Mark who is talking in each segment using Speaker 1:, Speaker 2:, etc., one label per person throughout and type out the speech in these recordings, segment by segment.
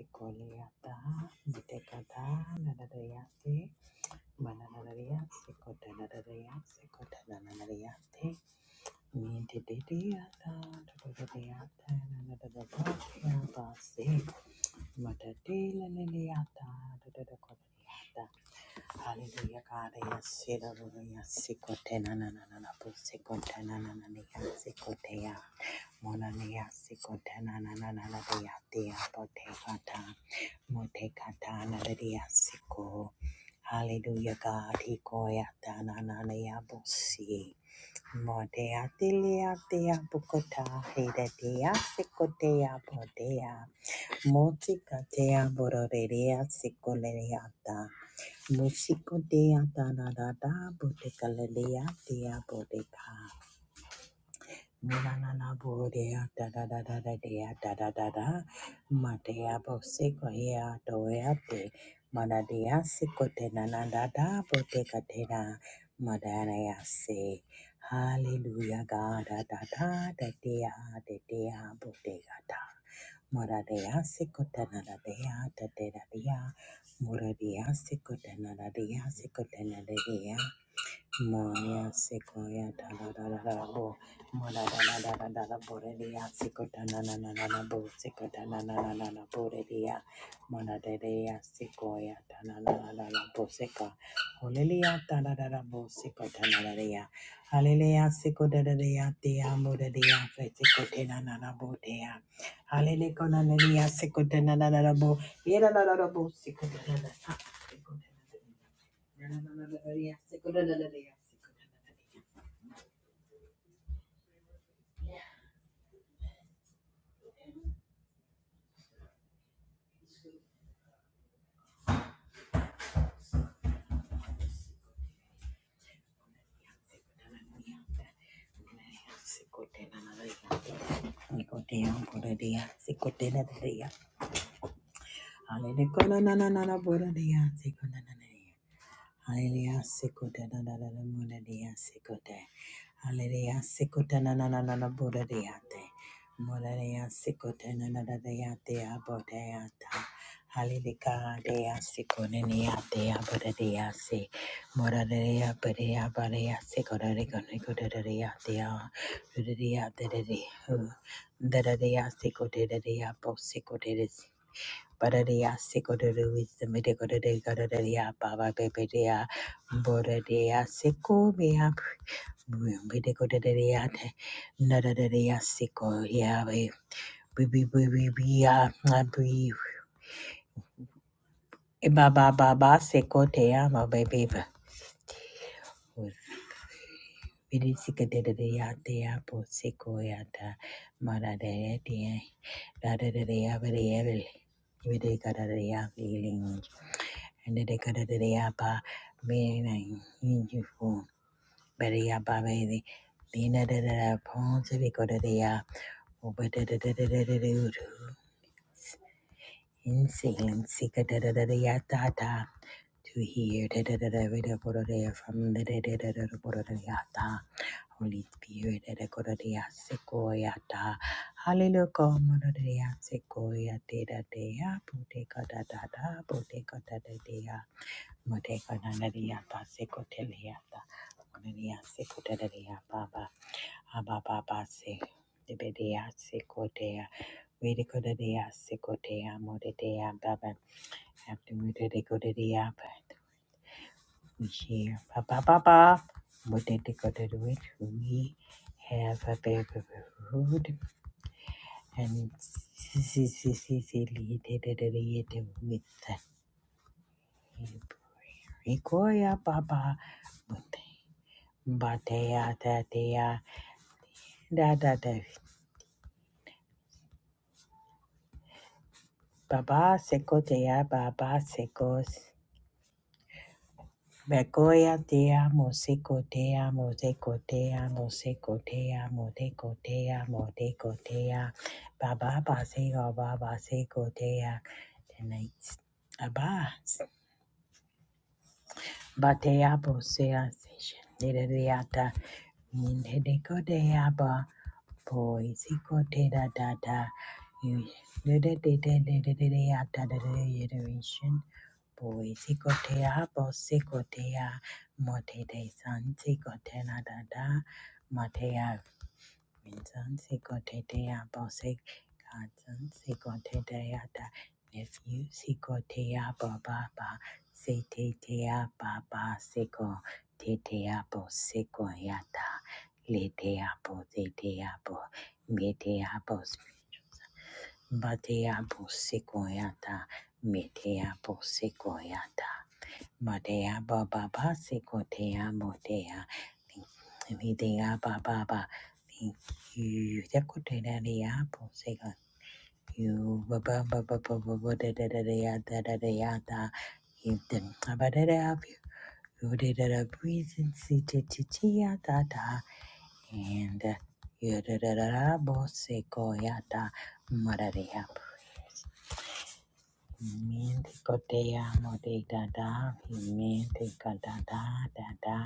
Speaker 1: Hallelujah. Mananaria, Secotanadaria, Secotananariate, Mintidiriata, Tadadariata, Nadadabatiaba, Se, Matadilla Liliata, Tadadacodariata, Hallelujah, God. Yes, hallelujah. Sikote na na na na na po. Sikote na na na na ya. Sikote ya. Mona na ya. Sikote na na na na na na ya. Tia pote kata. Mote na na na Siko. Hallelujah, God. Hiko ya ta na na na ya po si. Mote bukota. Hide tia sikote ya pote Música te abororea psicoleata. Músico te atarada, boteca lelea te abodeca na na na na bo Nanananaborea da da da da da dea da da da da Matea boseko hea doea de Manadea siko te nanada da da bo te ka te na Madanea se Hallelujah ga da da da da dea da dea bo te ga da Moradea siko te na da dea da da da dea Moradea siko te nanadea siko te nanadea Moya sequoia da da da da da bo Mona da da da da da da borelia sequoia na na na na na bo sequoia na na na na na borelia Mona da da sequoia da na na na na na bo seca Hallelujah da da da da bo sequoia na na na Hallelujah sequoia da da da te amo da na na na bo te a Hallelujah na na na sequoia na na na na bo Ira na na na bo sequoia na na na Hallelujah. Hallelujah, siko na na na na, da muna dia siko Hallelujah, siko na na na na na buddha dia te. Muna dia siko na na na dia te abo dia ta. Hallelujah, dia siko ne dia te abo da dia se. Mura dia buddha abo dia siko da riko riko da da dia te a. Buddha dia te da Da da dia siko da da dia bo siko da da. Bararia Sekodere wisdom de gararia baba beberia boraria seko bea bedekodere ate nararia seko yawe bibi bibi bia abi baba baba seko te ama baby Bidi sikadere ate apo seko yata maradere te dadere avere evil Ibidikadariya feeling. and they got it the decada de apa meaning you for very apa baby Dina da da da ponce vi coda de ya uba da da da da in silence sika da da to hear da da da da da from the da da da da da coda de ya ta Holy Spirit da da de ya Hallelujah como da de ya siko ya da de da Boteca da dea. Mateko nanaria pa seko teleata. Onaria seko teleria baba. Aba baba se. Debedea seko dea. Vede kodadea seko dea modedea baba. After we did it go to the app. We share baba baba. Modede go to the witch. We have a baby food. And si si si si li de de de de de with. Rikoya baba. Batea tatea da dea da da de baba seco dea baba secos Begoya dea moseco dea moseco dea Moseko, dea modeco dea modeco dea baba basego baba seco dea tonight abas batea bosea session de deata Inde de kode aba boy ziko de da da da you de de de de de de de de da da da iteration boy ziko de generation. Poisi kote aba ziko de a mote de san ziko de na da da Minsan sikoteya bose katan sikoteya da nephew sikoteya baba ba seteya baba siko teteya bo siko yata leteya bo teteya bo meteya bo bateya bo siko yata meteya bo siko yata Madea Baba Basikotea Motea Videa Baba Ba you Yakutena Apple Sega you Baba Baba Baba da da da da da da da da you then about it up you did a breathing city titia da da and you da da da da bosekoyata Madea Miente kotea mode da da, miente ka da da da da,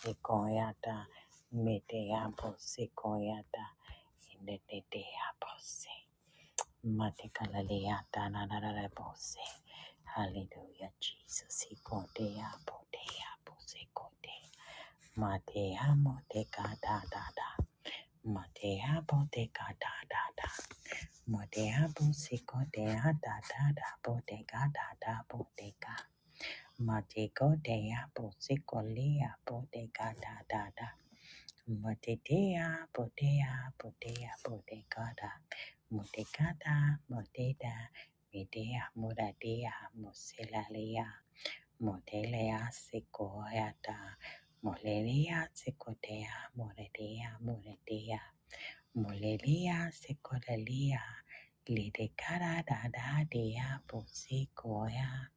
Speaker 1: sequoyata, metea po sequoyata, indetea po se, maticalea da na na na na po Hallelujah, Jesus, sequoia potea po sequote, matea mote da da da, matea pote da da da. Modea busico dea da da da bodega da da bodega. Matego dea busico lea bodega da da da. Motedea bodea bodea bodega da. Motegada modeda medea muradea musilalea. Modelea sequoia da. Molelia sequoia moredea moredea. Molelia sekolelia lidekara dada dea posikoya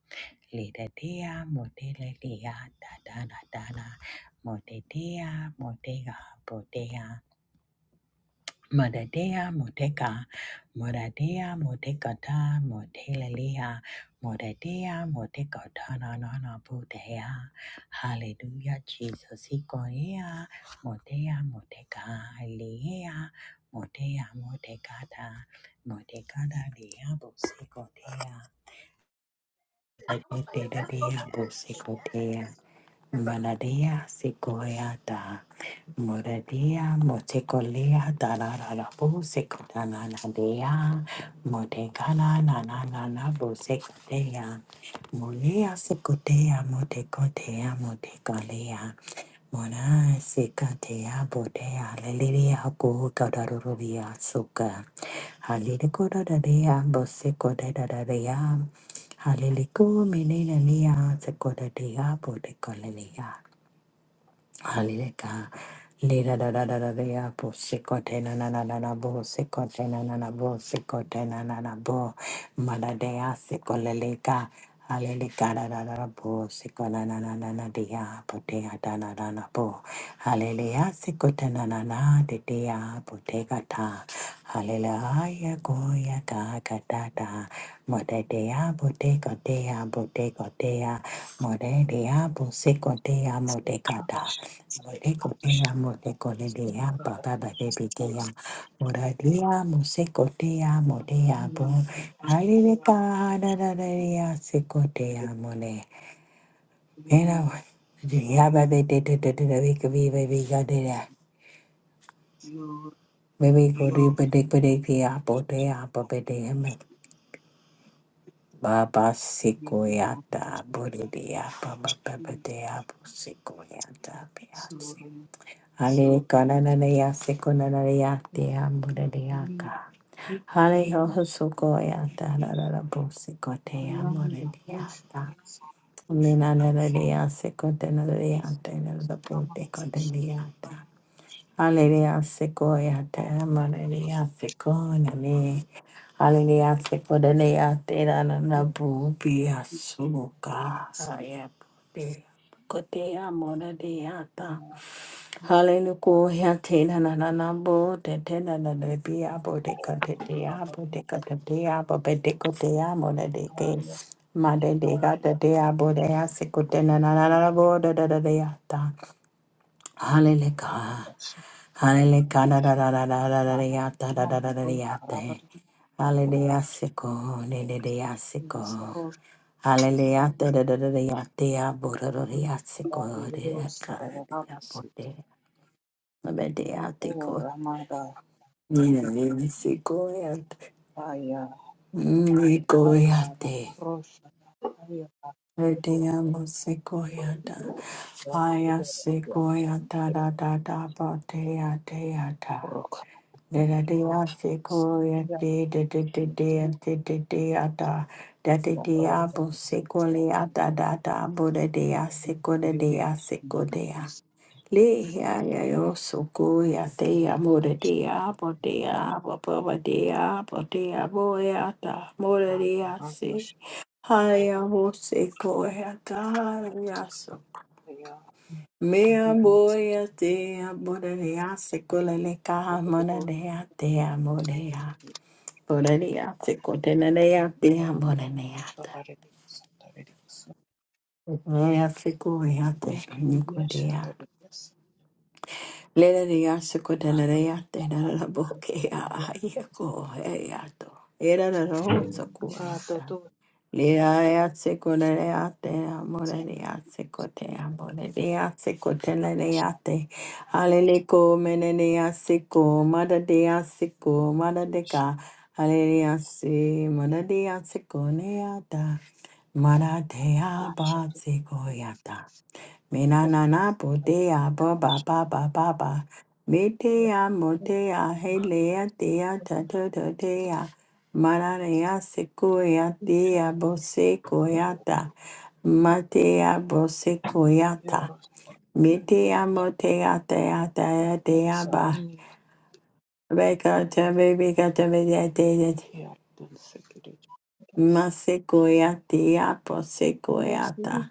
Speaker 1: lidedea modelelia dada dada modedea modega bodea Modadea modeka, modadea modekata, modelelea, modadea modekata na na na budea. Hallelujah, Jesus, ikoea, modea modeka, lea, modea modekata, modekata lea busikotea, adedea busikotea. Manadea Sikoyata Muradea Motekolea Dalarabu Sikodananadea Motekala Nanana Bosekotea Mulea Sikotea Motekotea Motekalea Mona Sikatea Botea Leliria Kukadaruria Suka Halidikoda Dea Bosekoda Hallelujah, menina nia, sekoda dea, bode kolelea. Hallelujah. Lira da da da da da ya bo sikote na na na na na bo sikote na na na bo sikote na na na bo mada de ya sikoleleka Hallelujah da da da da bo sikola na na na na de ya bo de ya da na na na bo Hallelujah sikote na na na de de ya bo de ka ta Hallelujah go ya ka ka da da mada de ya bo de ka de ya bo de ka de ya mada de ya bo sikote ya mo de ka
Speaker 2: Ramadaya
Speaker 1: Moreko ea moteko lelea baba bebe bikea moradia museko tea motea bo harireka harararea seko tea mole mera wa ya bebe te te te te te bika vi bebe ya de ya bebe ko ri pede pede kia po te ya po pede heme baba seko ya ta bori de ya baba bebe te ya po seko ya ta Hale kanana ya sekonana ya te amore de aka. Hale ho hosoko ya ta la la la bo sekote ya more de ata. Nena na na de ya sekote na de ya te na la bo te kote de ata. Hale de ya seko ya te amore de ya seko na ne. Hale de ya seko de ne ya te na na na bo bi ya suka. Hale ya bo te kote ya de ata. Hallelujah, te na na na na bo, te te na na na be abo de ka te te abo de ka be de ko te amo na de ke ma de Gata de ga te te abo de ya se ko The na na na na bo da da da da ta. Hallelujah, hallelujah da da da da da da da ta da da da da da ya te. Hallelujah se ko ne de de se ko. Hallelujah da da da da da ya te abo da da da ya se ko de ka da ya bo de. Nisicoyate,
Speaker 2: ayara
Speaker 1: Nicoyate,
Speaker 2: roshana ayara ro
Speaker 1: Erdiamo secoyata,
Speaker 2: ya
Speaker 1: Aya
Speaker 2: kudara ya
Speaker 1: secoyata da da da batea teata.
Speaker 2: roka
Speaker 1: Da dea
Speaker 2: sanaya
Speaker 1: secoyate, da da da dea da da deata, da da
Speaker 2: ya rada
Speaker 1: diabo secoliata da da, Buddha dea
Speaker 2: biridi
Speaker 1: secodea
Speaker 2: sanaya
Speaker 1: Le ya ya yo so go ya te ya mo de de ya bo de
Speaker 2: sanaya
Speaker 1: ya bo bo bo de ya bo de bo ya ta mo de de ya
Speaker 2: ayara
Speaker 1: se
Speaker 2: roshana
Speaker 1: ya ta ya so
Speaker 2: ya
Speaker 1: me ya bo ya te ya bo de de ya se le le ka mo
Speaker 2: abadu
Speaker 1: te ya mo de ya bo de de ya se go ya te
Speaker 2: ya
Speaker 1: ya mo
Speaker 2: ya
Speaker 1: de ya ta
Speaker 2: toshare de sanare de sanaya
Speaker 1: mo ya se ya te
Speaker 2: kidi
Speaker 1: ni go
Speaker 2: ya
Speaker 1: de
Speaker 2: shandare de
Speaker 1: Leleleya sukutanareya tenarabokea
Speaker 2: sanaya
Speaker 1: ayeko eyato. era la Erararo
Speaker 2: rada
Speaker 1: tsakuayata.
Speaker 2: to
Speaker 1: lea sekunareya te
Speaker 2: sanaya
Speaker 1: amoreya sekutea moreya
Speaker 2: shtu
Speaker 1: sekutenareya te. Aleleko meneya seko madadeya seko
Speaker 2: shtu
Speaker 1: madadeka. Aleleya se madadeya seko neata. Madadeya ba
Speaker 2: shtu
Speaker 1: sekoyata. Me na na na bodea ba
Speaker 2: shtu
Speaker 1: ba ba ba ba ba. Me Metea motea helea dea ta ta ta dea. Mararea sequoia
Speaker 2: shtu
Speaker 1: dea bosequoiata. Matea bosequoiata.
Speaker 2: yoro
Speaker 1: Metea motea dea dea dea ba.
Speaker 2: sarani
Speaker 1: Vega te vega te vega te te.
Speaker 2: Yar dan sekere
Speaker 1: Masequoia dea
Speaker 2: osuru
Speaker 1: bosequoiata.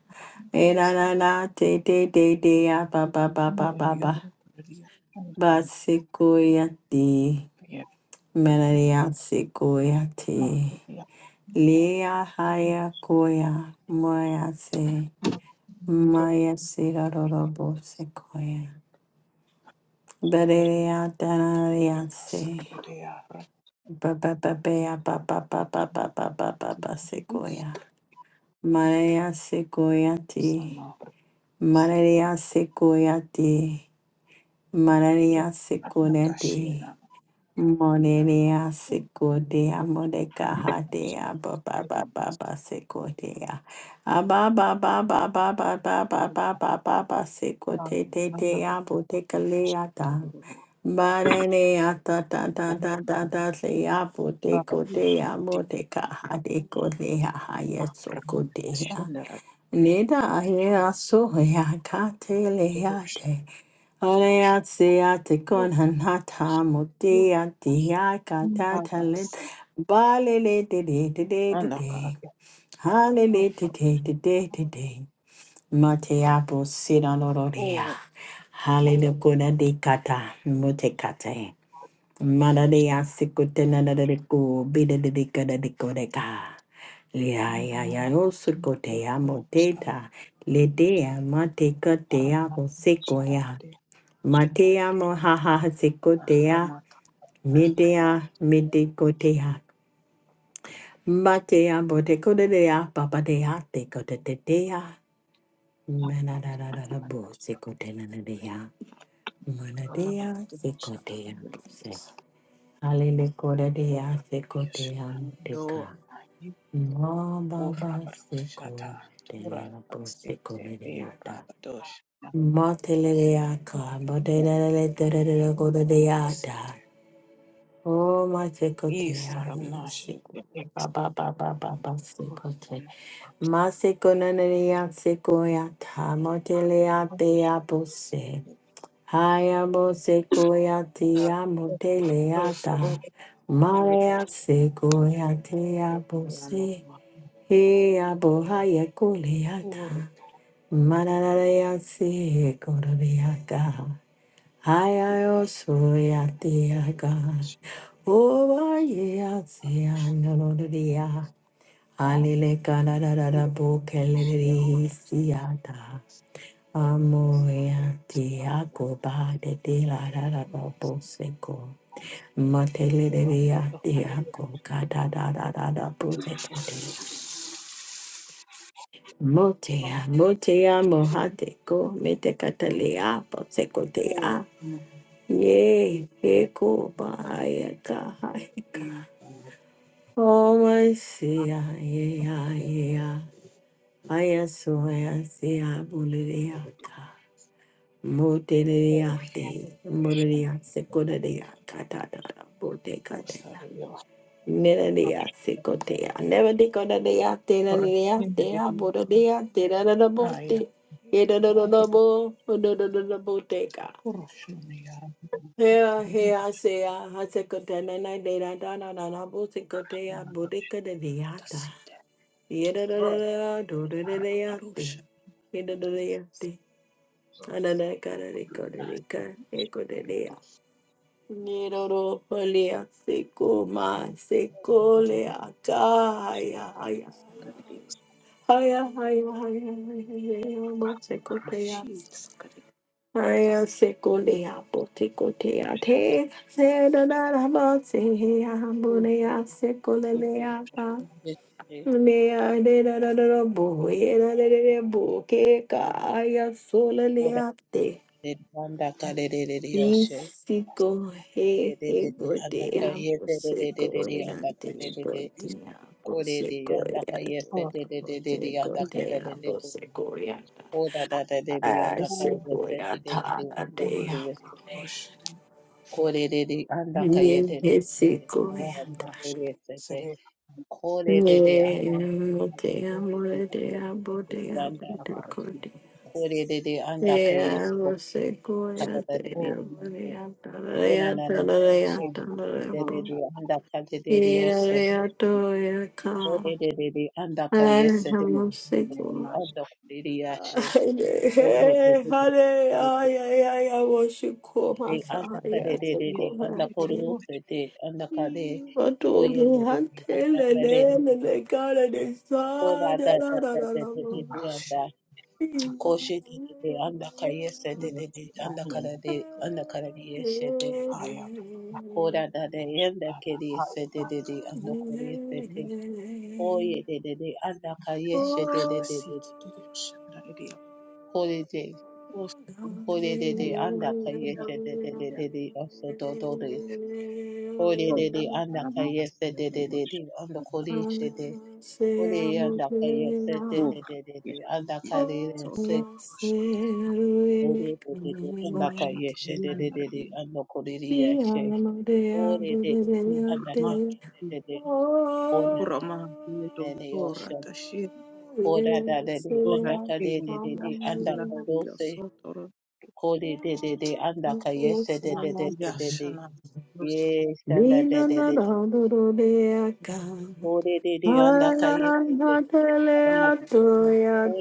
Speaker 1: Era na na te te te dea ba ba ba ba
Speaker 2: ya
Speaker 1: ba ba.
Speaker 2: yaro kariya tantan
Speaker 1: Basikoyati,
Speaker 2: ya ma
Speaker 1: Manariatikoyati,
Speaker 2: kariya
Speaker 1: Lea
Speaker 2: karam
Speaker 1: Hayakoya, Moyase,
Speaker 2: do
Speaker 1: Maya Sirarorobo Sequoia,
Speaker 2: sar
Speaker 1: Baderia Danariase,
Speaker 2: sekere ya ra
Speaker 1: Babababea Baba Baba
Speaker 2: machini
Speaker 1: Baba
Speaker 2: babati
Speaker 1: Baba
Speaker 2: bis
Speaker 1: Sequoia, Manaria Sequoiati,
Speaker 2: sama pronto
Speaker 1: Manaria Sequoiati, Manaria
Speaker 2: atna
Speaker 1: Sequoiati.
Speaker 2: tashina
Speaker 1: Moneria sekodea modeka hadea ba baba ba ba ba sekodea ba baba baba ba ba ba ba ba ba ba
Speaker 2: a
Speaker 1: te
Speaker 2: mara
Speaker 1: te ya boteka leata
Speaker 2: teguru
Speaker 1: ba ta ta ta ta ta ta se ya
Speaker 2: ra
Speaker 1: boteko te ya
Speaker 2: ti
Speaker 1: boteka hadeko te ya haya
Speaker 2: ma pranna
Speaker 1: sokote ya
Speaker 2: tashina ra
Speaker 1: neda ya so ya ka te le
Speaker 2: do sha
Speaker 1: Haleatsea kon hanata
Speaker 2: do
Speaker 1: mutia tia kata
Speaker 2: babas
Speaker 1: talent balele de de de de de de
Speaker 2: Oh,
Speaker 1: halele de
Speaker 2: God,
Speaker 1: de de
Speaker 2: I
Speaker 1: de de
Speaker 2: was
Speaker 1: de mateapo sinaloria
Speaker 2: all
Speaker 1: halele kuna de kata mute kate
Speaker 2: those
Speaker 1: madadea sikutena de de ko bide de de kada de kodeka lia ya ya
Speaker 2: Ramana,
Speaker 1: yo
Speaker 2: the
Speaker 1: sikotea
Speaker 2: things and
Speaker 1: moteta ledea mate katea
Speaker 2: Ramana,
Speaker 1: po
Speaker 2: Charade,
Speaker 1: Matea mohaha sekotea,
Speaker 2: Ramata,
Speaker 1: midea midekotea. Matea botekodea, papadea tekotetea. Manadadadadabo sekotenadea.
Speaker 2: Ramana,
Speaker 1: Manadea
Speaker 2: the
Speaker 1: sekotea
Speaker 2: Charade,
Speaker 1: pose.
Speaker 2: or
Speaker 1: Halenekodea sekotea
Speaker 2: Yashana, no,
Speaker 1: muteka.
Speaker 2: I, or
Speaker 1: Mababa
Speaker 2: Rabados, Shata, Tura,
Speaker 1: sekotea pose
Speaker 2: State, a
Speaker 1: kodeata.
Speaker 2: Rabados,
Speaker 1: Matelea ka,
Speaker 2: Ramana,
Speaker 1: botelele terekodea.
Speaker 2: City,
Speaker 1: Oh my tekote
Speaker 2: East,
Speaker 1: ali
Speaker 2: Ramanash,
Speaker 1: seko
Speaker 2: the Ex,
Speaker 1: ba ba ba ba ba ba sekote.
Speaker 2: Ramana,
Speaker 1: Ma seko nanaya seko ya tamotele ya te ya
Speaker 2: this,
Speaker 1: bose. Haya bo seko ya te ya motele ya
Speaker 2: those Robert,
Speaker 1: ta.
Speaker 2: you
Speaker 1: Maya seko ya te ya
Speaker 2: are
Speaker 1: bose. He ya bo haya kule ya ta.
Speaker 2: not,
Speaker 1: Manaraya seko ya ka. I I also yet the God. Oh, I yes, Alile kana da da da bo Amo yati ako ba de de la da da dia de da da da da da bo seko de. Motea, motea, mohate ko, mete katalea, bo seko Ye Yea, Ekobayakahaika. Oh, my Sia, yeah, yeah. I am so I see I Buliriaka. Moteliate, Moliria na Catata, Botecatella. Nelia Secotea, never decodadiate, Naniate, Abodia, Tedadabo, Tedadabo, Boteca. Hea hea sea hasekota na na de da da na na na bosekota ya bodeka de viata. Yeda da Yeah, da da do da da da yate. Yeda da da yate. Anana kara de kore de ka eko de dea, ya. Nero ro polia seko ma seko le aka ya ya. Haya haya haya haya haya bosekota Maria Seculia Boticotia Te Sedanabasia Bunia Seculia Mea de da da da bo era de de de bo que caia sola
Speaker 3: Ora
Speaker 1: leate
Speaker 3: de anda kare de de de yoshe
Speaker 1: nisico
Speaker 3: de
Speaker 1: he
Speaker 3: de
Speaker 1: he
Speaker 3: de de anda ka
Speaker 1: gotea bo
Speaker 3: yese de de de
Speaker 1: seco
Speaker 3: de de anda ka
Speaker 1: leante
Speaker 3: de de de
Speaker 1: gotea bo
Speaker 3: kore de
Speaker 1: seco
Speaker 3: anda ka
Speaker 1: leante
Speaker 3: yese de de
Speaker 1: bo
Speaker 3: de de de
Speaker 1: seco
Speaker 3: anda ka de
Speaker 1: dea
Speaker 3: de de
Speaker 1: bo
Speaker 3: de
Speaker 1: seco ya
Speaker 3: da da de de anda ka
Speaker 1: seco
Speaker 3: yese
Speaker 1: ya
Speaker 3: de de de de
Speaker 1: tana
Speaker 3: anda ka
Speaker 2: और
Speaker 1: dea
Speaker 3: de de
Speaker 2: रोशन
Speaker 3: kore de de anda ka ye de de de de de
Speaker 2: हरा
Speaker 1: Yesikoya.
Speaker 3: anda
Speaker 2: हरा
Speaker 3: ka yese de
Speaker 2: सरे
Speaker 3: kore de de anda ka
Speaker 1: Te
Speaker 2: और
Speaker 1: amo, te
Speaker 2: हरे
Speaker 3: de de de
Speaker 1: amo,
Speaker 3: de
Speaker 1: te
Speaker 3: anda ka de
Speaker 1: amo,
Speaker 3: de
Speaker 2: की
Speaker 3: anda
Speaker 1: te
Speaker 2: बारिश की
Speaker 1: cote.
Speaker 3: kore de de anda ka
Speaker 1: Te
Speaker 3: yese
Speaker 2: और
Speaker 1: amo,
Speaker 3: de anda ka
Speaker 1: secoya,
Speaker 3: de de
Speaker 2: और
Speaker 3: de anda Kuna na na she
Speaker 2: और
Speaker 3: de de de
Speaker 2: रोशन
Speaker 3: anda ka de de de
Speaker 1: Ira
Speaker 3: ose
Speaker 1: rea toya
Speaker 3: o de
Speaker 1: ka.
Speaker 3: de de de anda ka yes
Speaker 1: Ay,
Speaker 3: de de
Speaker 1: amo,
Speaker 3: de
Speaker 2: इसमें
Speaker 3: de
Speaker 1: seco.
Speaker 2: नाच
Speaker 3: anda ka de de ya she o ye de
Speaker 1: Ay,
Speaker 3: de de
Speaker 1: hale,
Speaker 3: de de
Speaker 1: ay, ay, ay, amo, seco,
Speaker 3: de anda ka de de de
Speaker 2: ये
Speaker 3: de anda
Speaker 2: अच्छे
Speaker 3: ko ro
Speaker 2: रोशन
Speaker 3: se de anda ka de o ye
Speaker 1: Matuli
Speaker 3: de de de anda ka de de
Speaker 2: की
Speaker 3: de
Speaker 1: hantelelele kala de
Speaker 3: o da
Speaker 1: sada
Speaker 3: da
Speaker 1: la
Speaker 3: da
Speaker 1: la
Speaker 3: da de
Speaker 1: la
Speaker 3: de de de
Speaker 2: बारिश
Speaker 3: anda ko she de de de anda ka yes de
Speaker 2: ये
Speaker 3: de de anda ka
Speaker 2: यानी
Speaker 3: de anda ka de yes de
Speaker 2: हाया का
Speaker 3: ko da da de anda ke
Speaker 2: तारा
Speaker 3: de se
Speaker 2: हाया
Speaker 3: de
Speaker 2: ना
Speaker 3: de de anda
Speaker 2: करना
Speaker 3: ko de
Speaker 2: ये
Speaker 3: Oye de de de anda kayeshe de de de
Speaker 2: सी
Speaker 3: de
Speaker 2: की शरा ये
Speaker 3: kore de
Speaker 2: उस
Speaker 3: kore de de
Speaker 2: ना
Speaker 3: anda
Speaker 2: करना
Speaker 3: kayeshe de de de de de oso do do de ore
Speaker 1: la
Speaker 2: तो
Speaker 3: de de anda
Speaker 1: la.
Speaker 2: हमारा
Speaker 3: kayeshe de
Speaker 2: ये
Speaker 3: de de de anda
Speaker 2: Roshan
Speaker 3: koreshe de ore anda kayeshe de
Speaker 2: Walk
Speaker 3: de de de
Speaker 2: yes,
Speaker 3: de
Speaker 2: it
Speaker 3: anda
Speaker 2: is sort
Speaker 3: kayeshe
Speaker 2: of
Speaker 3: ore de de de anda
Speaker 2: rush
Speaker 3: kayeshe de de de de
Speaker 2: linaloendelea
Speaker 3: anda koreshe ore de de anda kayeshe de de kona
Speaker 2: kurama
Speaker 3: de de
Speaker 2: lililozorota
Speaker 3: osho
Speaker 2: tashin
Speaker 3: kora da de de
Speaker 2: bora
Speaker 3: anda kare de
Speaker 2: hili
Speaker 3: de de anda
Speaker 2: biashara
Speaker 3: korose
Speaker 2: iliyosotorwa
Speaker 3: Kole de de de anda ka yese de
Speaker 2: na
Speaker 3: de de de de de
Speaker 2: biashara
Speaker 3: yes anda de
Speaker 1: Mina
Speaker 3: de
Speaker 1: na
Speaker 3: de
Speaker 1: na do do de aka.
Speaker 3: kole de
Speaker 1: Te
Speaker 3: de
Speaker 1: bo mi
Speaker 3: anda ka
Speaker 1: na na na na
Speaker 3: yese de de de de anda.
Speaker 2: mstari ya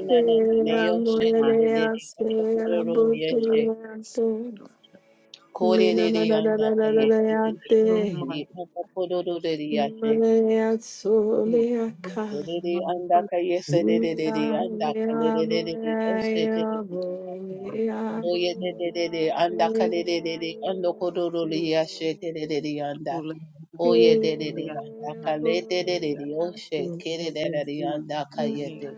Speaker 2: ya
Speaker 3: na na ne
Speaker 2: ya
Speaker 3: yoshe de de de de anda kororo
Speaker 2: biashara
Speaker 3: yeshe
Speaker 2: sotorwa
Speaker 3: kole de de
Speaker 1: na
Speaker 3: anda ka
Speaker 1: na na na
Speaker 3: yese
Speaker 1: ya
Speaker 3: de de de
Speaker 1: te.
Speaker 3: de de de anda kororo de de yashe
Speaker 1: Hallelujah, so ya ka,
Speaker 3: Dedede
Speaker 2: ushoma
Speaker 3: anda
Speaker 2: ushoma
Speaker 3: ka yese dedede anda ka dedede ose dedede anda. Oye dedede anda ka dedede ando kodoroli yashe dedede anda. Oye dedede anda ka le dedede ose kere dedede anda ka de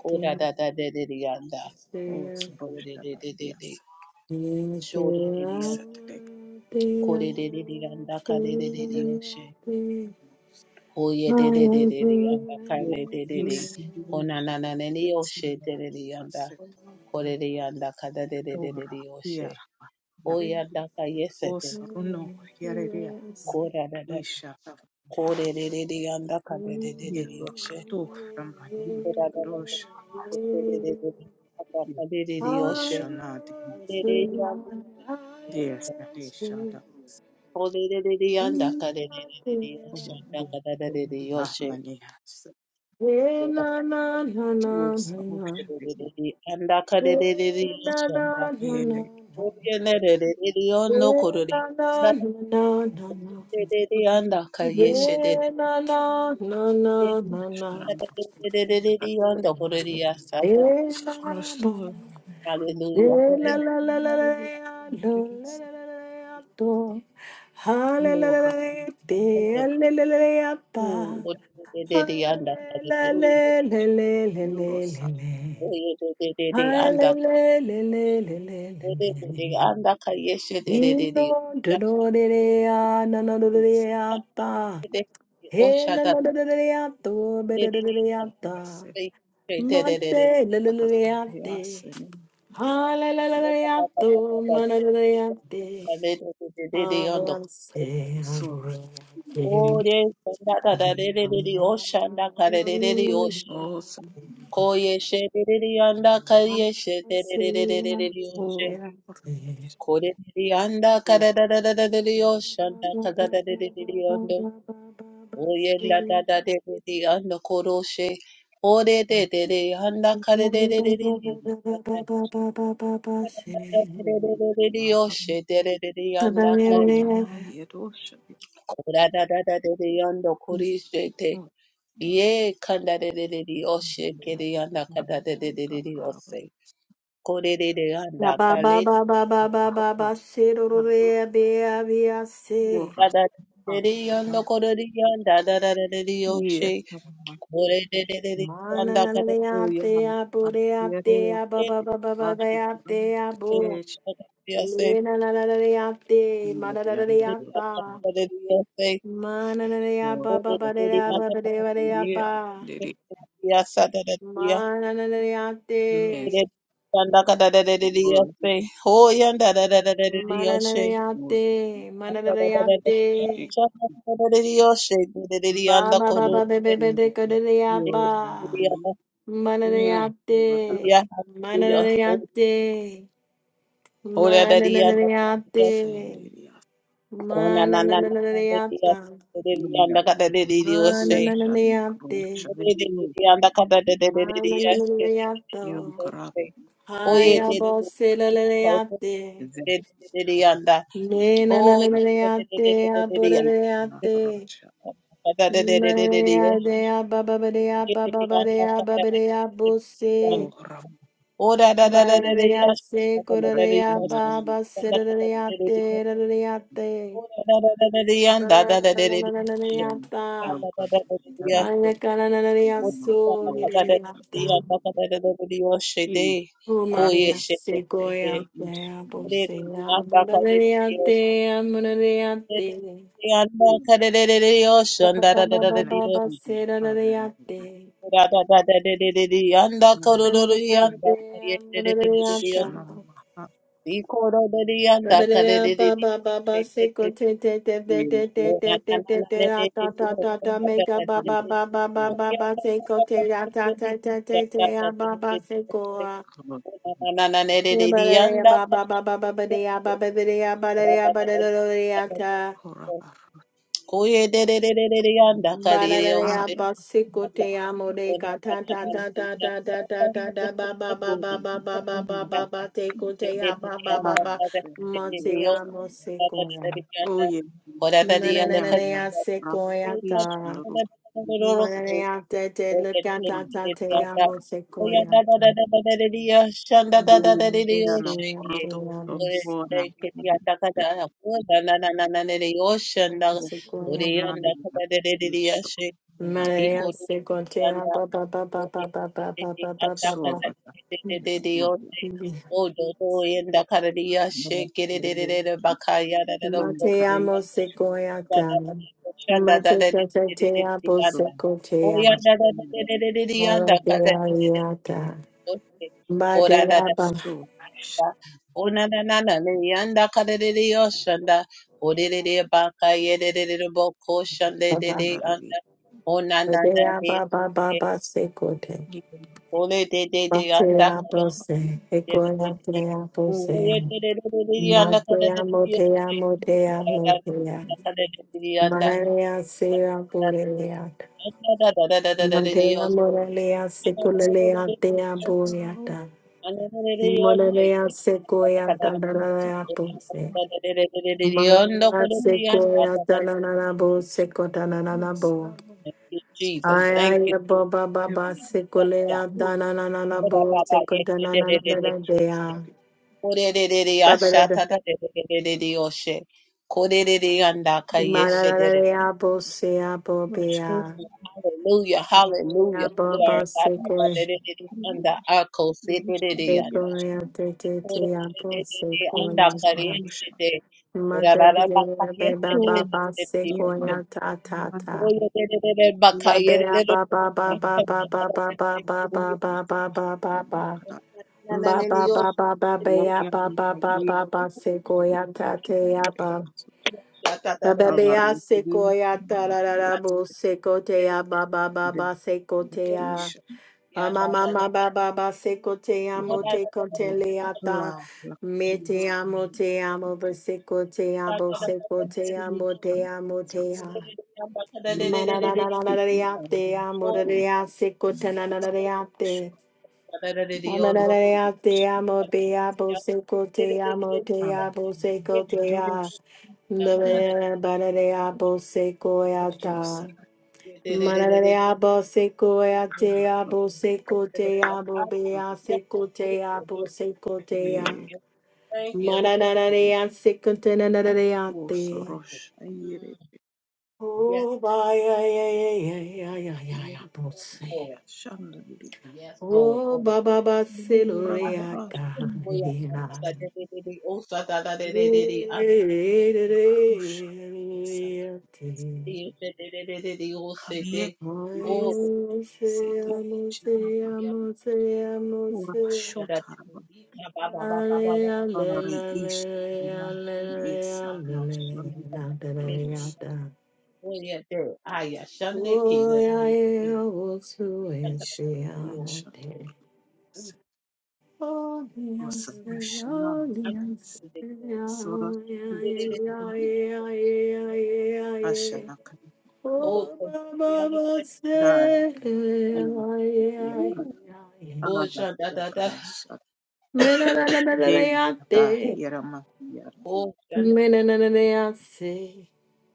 Speaker 3: Koda da da dedede anda.
Speaker 1: Thank you.
Speaker 3: Kore dedede.
Speaker 1: When
Speaker 3: Shore dedede anda. Kore dedede anda ka dedede ose. Hoye de de de de de yanda kale de de de kona na na ne ni oshe de de de yanda kore de yanda kada de de de de de oshe o yanda ka yese de kora da da da. kore de de de yanda kada de de de de oshe kora da da da kore de de de yanda kada de de oshe kore de de yanda de oshe kore de de de yanda kada de de de de oshe yanda kada de de de oshe kora de de de de yanda kada de de de oshe
Speaker 1: I
Speaker 3: Hallelujah.
Speaker 1: Yeah, na na na na na na. Yeah, na na na na na na.
Speaker 2: Просто
Speaker 1: Yeah, na na. Yeah, la la la la la la la la la la la la. do. Ha la la la la la de, la la la la la da. Ha la la la la la la la
Speaker 2: Yes,
Speaker 1: la la. Ha la la la la la la la la. Ni no do do de de ah na na do do de ah da. Hey, na na na na na na to, be na na na na ya ta. Mate, la la la la ya te. Ha la la la la ya to, ma na na na na te. Ha la se ha la te.
Speaker 3: Ore shanda
Speaker 1: Ha
Speaker 3: karerererere
Speaker 1: na na
Speaker 3: oshanda
Speaker 1: na na
Speaker 3: karerererere oshe
Speaker 1: na.
Speaker 3: koye shererere yanda
Speaker 1: Ha
Speaker 3: kariye
Speaker 1: se, ha
Speaker 3: shererererere
Speaker 1: se,
Speaker 3: oshe
Speaker 1: ha te.
Speaker 3: Ko re re re anda ka da yanda karerererere
Speaker 1: Ba
Speaker 3: oshanda
Speaker 1: ba ba ba ba
Speaker 3: karerererere
Speaker 1: ba
Speaker 3: yanda
Speaker 1: ba ba ba
Speaker 3: oye nda da
Speaker 1: se.
Speaker 3: da derere yanda koroshe ore derere yanda
Speaker 1: Ba ba ba
Speaker 3: karerererere
Speaker 1: ba ba ba
Speaker 3: oshanda
Speaker 1: ba ba
Speaker 3: karerererere oshe derere
Speaker 1: ba ba
Speaker 3: yanda kari
Speaker 1: se.
Speaker 3: kora da da da derere yanda
Speaker 1: Ba
Speaker 3: korishe Ye kanda de de de de oshe kere yanda kanda de de de de de ose. Kore de de yanda
Speaker 1: ba ba
Speaker 3: kale de
Speaker 1: ba ba ba ba ba ba. se ro ro
Speaker 3: de
Speaker 1: re be a be a se.
Speaker 3: kada de de yanda kore de yanda da da da de de oshe. Kore de de de de
Speaker 1: Ma na
Speaker 3: yanda
Speaker 1: na na
Speaker 3: kanda
Speaker 1: na
Speaker 2: Oh yeah,
Speaker 1: te a bo
Speaker 2: Ah,
Speaker 1: re a
Speaker 2: yeah.
Speaker 1: te a ba
Speaker 3: de
Speaker 1: ba ba ba ba
Speaker 2: Ah,
Speaker 1: re
Speaker 2: The
Speaker 1: a te
Speaker 2: Hallelujah.
Speaker 1: a
Speaker 3: de
Speaker 2: Akire, akira,
Speaker 1: bo.
Speaker 2: tekesh,
Speaker 3: de ose.
Speaker 1: Le na na na na re a te ma
Speaker 2: yandere,
Speaker 1: na na na na
Speaker 3: De
Speaker 1: a
Speaker 3: de
Speaker 1: ta.
Speaker 3: yanda kanda de de ose.
Speaker 1: Ma na na na re a
Speaker 2: shiko,
Speaker 1: ba ba
Speaker 3: Kore de
Speaker 1: ba
Speaker 3: de
Speaker 1: re
Speaker 3: de
Speaker 1: a
Speaker 2: yakire,
Speaker 1: ba
Speaker 3: yanda
Speaker 1: ba re
Speaker 3: kanda
Speaker 1: ba re
Speaker 3: de
Speaker 1: a
Speaker 3: de de
Speaker 2: kiri,
Speaker 1: pa.
Speaker 3: de
Speaker 2: andere,
Speaker 3: yasa da da de
Speaker 1: Ma
Speaker 3: ya.
Speaker 1: na na na na te.
Speaker 3: De
Speaker 2: mes,
Speaker 3: de yanda kanda de de de de
Speaker 2: oro,
Speaker 3: ose. Ho yanda da da da de de de
Speaker 1: Ma na na na
Speaker 3: oshe.
Speaker 1: re a te
Speaker 2: mos,
Speaker 3: Oh,
Speaker 1: ma na na na re a te.
Speaker 2: yakshik,
Speaker 1: Ba ba ba ba
Speaker 2: mo,
Speaker 1: be be be de ka
Speaker 2: indere,
Speaker 1: de a
Speaker 2: yo,
Speaker 1: ba.
Speaker 2: nanai, vada,
Speaker 1: Mananayate, mananayate,
Speaker 2: cho,
Speaker 1: mananayate,
Speaker 2: asendere,
Speaker 1: mananayata,
Speaker 2: asmera, vadu, shadma, kro,
Speaker 1: mananayate,
Speaker 2: shadendo, yo,
Speaker 1: mananayato,
Speaker 2: kara, kiriya,
Speaker 1: hayabosilalayate,
Speaker 2: zem, kara,
Speaker 1: nenanayate,
Speaker 2: na, na, kara,
Speaker 1: abudarayate,
Speaker 2: sha,
Speaker 1: mananayate, abababadea, bababadea, babadea, busi.
Speaker 2: lo, ram,
Speaker 3: Oh da da da da da da
Speaker 1: Mararaya
Speaker 3: yash, da
Speaker 1: se
Speaker 3: da da da da
Speaker 1: koraraya
Speaker 3: yash,
Speaker 1: baba
Speaker 3: da da da da
Speaker 1: siraraya
Speaker 3: da da da
Speaker 1: te
Speaker 3: yash.
Speaker 1: raraya te.
Speaker 3: Oh da da da da da da yan, da da da da da da yash.
Speaker 1: Mararaya
Speaker 2: Mm,
Speaker 3: Da
Speaker 2: no
Speaker 1: ta.
Speaker 3: da da da
Speaker 2: problem.
Speaker 3: da da da
Speaker 2: Help
Speaker 3: yash.
Speaker 1: Ayakararaya
Speaker 3: Oh da
Speaker 1: so
Speaker 3: da da da da da
Speaker 1: niraraya
Speaker 3: da
Speaker 1: ta.
Speaker 3: yan, da da da da da da yash. De
Speaker 2: In
Speaker 3: ko
Speaker 2: Father,
Speaker 1: Kumaraya
Speaker 3: yesh de
Speaker 1: se
Speaker 2: help
Speaker 3: de
Speaker 2: us.
Speaker 3: de de
Speaker 1: goya te
Speaker 3: de de de
Speaker 1: abosaya.
Speaker 3: yan, da ka de de
Speaker 1: Mararaya
Speaker 3: de
Speaker 1: te amuraraya
Speaker 3: De de de
Speaker 1: te.
Speaker 3: yan, da ka de de de de yash, da
Speaker 1: Baba
Speaker 3: da da da da
Speaker 1: baba
Speaker 3: de yash.
Speaker 1: baba
Speaker 2: in the Father,
Speaker 1: siraraya
Speaker 2: help us.
Speaker 1: te.
Speaker 3: Da da da da da de da da yan, da
Speaker 2: Now,
Speaker 3: ka do do do
Speaker 1: Mararaya
Speaker 3: yan,
Speaker 2: thank
Speaker 3: da
Speaker 1: te
Speaker 2: you.
Speaker 3: ka yesh de de de de
Speaker 1: amuraraya
Speaker 3: de
Speaker 1: ta.
Speaker 3: Thank
Speaker 1: Ba ba ba ba ba
Speaker 2: In the Father, help us, in the Lord, in the Father, help us.
Speaker 3: Yanda
Speaker 2: Hallelujah. Oh, yeah.
Speaker 1: Manananaya sequoyata. Mananaya te te lucata ta te amo sequoyata.
Speaker 2: Uhusiano
Speaker 1: Manananea
Speaker 2: koroto
Speaker 1: te amo
Speaker 2: sokona na
Speaker 1: Sequoyata.
Speaker 2: sokona
Speaker 1: Mananaya sequoia ba ba ba ba
Speaker 3: Oh,
Speaker 1: ba ba ba ba ba ba ba ba.
Speaker 2: sorda
Speaker 3: Dodo in the Canadia,
Speaker 2: ne
Speaker 3: shake it,
Speaker 2: rele
Speaker 3: it, Bakaya, that
Speaker 2: yekare
Speaker 1: Mateamo sequoyata. Matecata te te amo
Speaker 2: sokona
Speaker 1: sequoia.
Speaker 3: Oya da oh,
Speaker 2: rashana
Speaker 3: da da da da oh, da yanda ka da da da da
Speaker 2: ke
Speaker 1: Maradeariata.
Speaker 3: yoshe. Kora da da da
Speaker 2: so
Speaker 1: Madeaba.
Speaker 3: da.
Speaker 2: rashana
Speaker 3: Ona na na na na yanda ka da da da yoshanda. Ode de de ba ka ye de de de oh, bo ko shande de de
Speaker 2: ravi
Speaker 3: yanda. Ona na na na
Speaker 1: Matea
Speaker 3: ne.
Speaker 1: baba baba sekote.
Speaker 2: yekare
Speaker 3: Ole de de de yanda
Speaker 1: Matea
Speaker 2: koroto
Speaker 1: bose.
Speaker 3: Thank
Speaker 1: Ekola
Speaker 3: you,
Speaker 1: tea bose.
Speaker 2: koroto
Speaker 1: Matea motea motea motea. Manarea sea boreleata. Matea morelea sekulelea tea
Speaker 2: rashana
Speaker 1: boreata.
Speaker 2: koroto
Speaker 1: Monarea sequoia dandalaya bose. Manarea sequoia dananabo secotananabo.
Speaker 2: salo
Speaker 3: Jesus. Thank you.
Speaker 1: Ayaya boba
Speaker 2: ne
Speaker 1: baba sekulea dana na na na bo sekudana na na na na dea.
Speaker 2: koroto
Speaker 1: Baba da da.
Speaker 3: Thank you.
Speaker 1: Mararea bo sea bo
Speaker 2: rashana
Speaker 1: bea. Maria
Speaker 2: Yes,
Speaker 1: boba
Speaker 2: yes,
Speaker 1: sekue.
Speaker 2: yes, yes.
Speaker 1: Bekulea te te te a bo
Speaker 2: Oh,
Speaker 1: sekulea ta.
Speaker 2: sorry, sir.
Speaker 1: Mother Bia Baba
Speaker 2: Oh,
Speaker 1: Baba
Speaker 2: yeah, man.
Speaker 1: Sequoia Ta Ta
Speaker 2: Yeah, man.
Speaker 1: Ta. Babea Baba Baba
Speaker 2: Oh, yeah,
Speaker 1: Baba
Speaker 2: man.
Speaker 1: Baba Baba
Speaker 2: Oh, yeah,
Speaker 1: Baba Baba
Speaker 2: man.
Speaker 1: Baba Ba ba ba ba ba ba
Speaker 2: Oh,
Speaker 1: ya
Speaker 2: yeah,
Speaker 1: ba ba
Speaker 2: man. Yeah,
Speaker 1: ba
Speaker 2: yes,
Speaker 1: ba ba seko ya ta te ya
Speaker 2: yes,
Speaker 1: ba
Speaker 2: yes.
Speaker 1: ba ba
Speaker 2: Our
Speaker 1: ba ya seko
Speaker 2: creation,
Speaker 1: ya ta ra ra
Speaker 2: Europe,
Speaker 1: ra bo seko te ya ba ba ba
Speaker 2: the
Speaker 1: ba seko
Speaker 2: the
Speaker 1: te ya
Speaker 2: creation,
Speaker 1: ma ma ma ma ba ba ba seko te ya
Speaker 2: yeah,
Speaker 1: mo
Speaker 2: man.
Speaker 1: te ko te
Speaker 2: Oh,
Speaker 1: le ya ta
Speaker 2: la, la,
Speaker 1: me te ya mo te ya mo ba seko te ya bo
Speaker 2: come,
Speaker 1: seko
Speaker 2: the
Speaker 1: te ya mo te
Speaker 2: creation.
Speaker 1: ya mo te
Speaker 2: Yes,
Speaker 1: ya
Speaker 2: yes,
Speaker 1: ma na na
Speaker 2: yes.
Speaker 1: na na na na
Speaker 2: Taking
Speaker 1: ya
Speaker 2: our
Speaker 1: te ya mo ra ya seko te
Speaker 2: creation.
Speaker 1: na na na ya te
Speaker 2: Sure,
Speaker 1: Amararea te amo, te
Speaker 2: yes,
Speaker 1: amo, seco te amo, te
Speaker 2: yes.
Speaker 1: amo, seco te amo.
Speaker 2: Yarurush
Speaker 1: Bararea bo seco eata.
Speaker 2: Yusarama
Speaker 1: Mararea bo seco e a te abo seco te amo, bea seco te amo, seco te
Speaker 2: Yeg
Speaker 1: amo.
Speaker 3: Thank you, Lord.
Speaker 1: Mararea seco te nanareate.
Speaker 2: Wosorosh Ayere
Speaker 3: Mm, yes,
Speaker 1: Oh, ba ya, ya, ya, ya, ya, ya,
Speaker 2: Ahiru
Speaker 1: ya, bo se.
Speaker 3: Lord.
Speaker 2: Shandari
Speaker 3: Yes, Lord.
Speaker 1: Oh,
Speaker 3: Kodak.
Speaker 1: ba, ba, ba, se, lo,
Speaker 3: Ah,
Speaker 1: rea,
Speaker 2: Rabara
Speaker 3: Oh, yeah. Da,
Speaker 1: ka,
Speaker 3: da, da, da, da, da. Oh, sa, da, da, da, da, da,
Speaker 1: Oh,
Speaker 3: da. Ah,
Speaker 2: Rusha Sad Hariye
Speaker 3: Oh,
Speaker 2: Viris City
Speaker 3: oh,
Speaker 2: Chanama
Speaker 3: yeah,
Speaker 2: Ura
Speaker 3: da, da, da, da,
Speaker 2: Shotarba
Speaker 3: ika, ba, ba, ba, ba, ba, ba,
Speaker 2: Ari Ish Yesana
Speaker 3: yeah, da, da, da, da, da, da,
Speaker 2: Shandurush
Speaker 3: da, oh, yeah, there. Ah, yeah, shande, ki, da,
Speaker 2: Yera
Speaker 3: da, da,
Speaker 2: Ish
Speaker 3: da, da, da, da,
Speaker 2: Yeshandurush
Speaker 3: mm,
Speaker 2: was a
Speaker 3: mm,
Speaker 2: rational
Speaker 3: ah, da, da, da, da,
Speaker 2: sort of
Speaker 3: da, da, da,
Speaker 2: streets
Speaker 3: da, da, da,
Speaker 2: Ashanakara,
Speaker 3: oh,
Speaker 1: Oh, Baba,
Speaker 3: da, da, da, da,
Speaker 1: Baba,
Speaker 3: da,
Speaker 2: Dar
Speaker 3: da,
Speaker 1: say, ay, ay,
Speaker 3: ooh,
Speaker 2: Yakara,
Speaker 1: ay.
Speaker 3: oh,
Speaker 2: Ada
Speaker 3: shanda, da, da,
Speaker 2: Yakara Shat, Dea Da
Speaker 1: Menanananayate,
Speaker 2: Yaramakiyar,
Speaker 3: oh, shanda, da, da, da,
Speaker 1: menanananayase,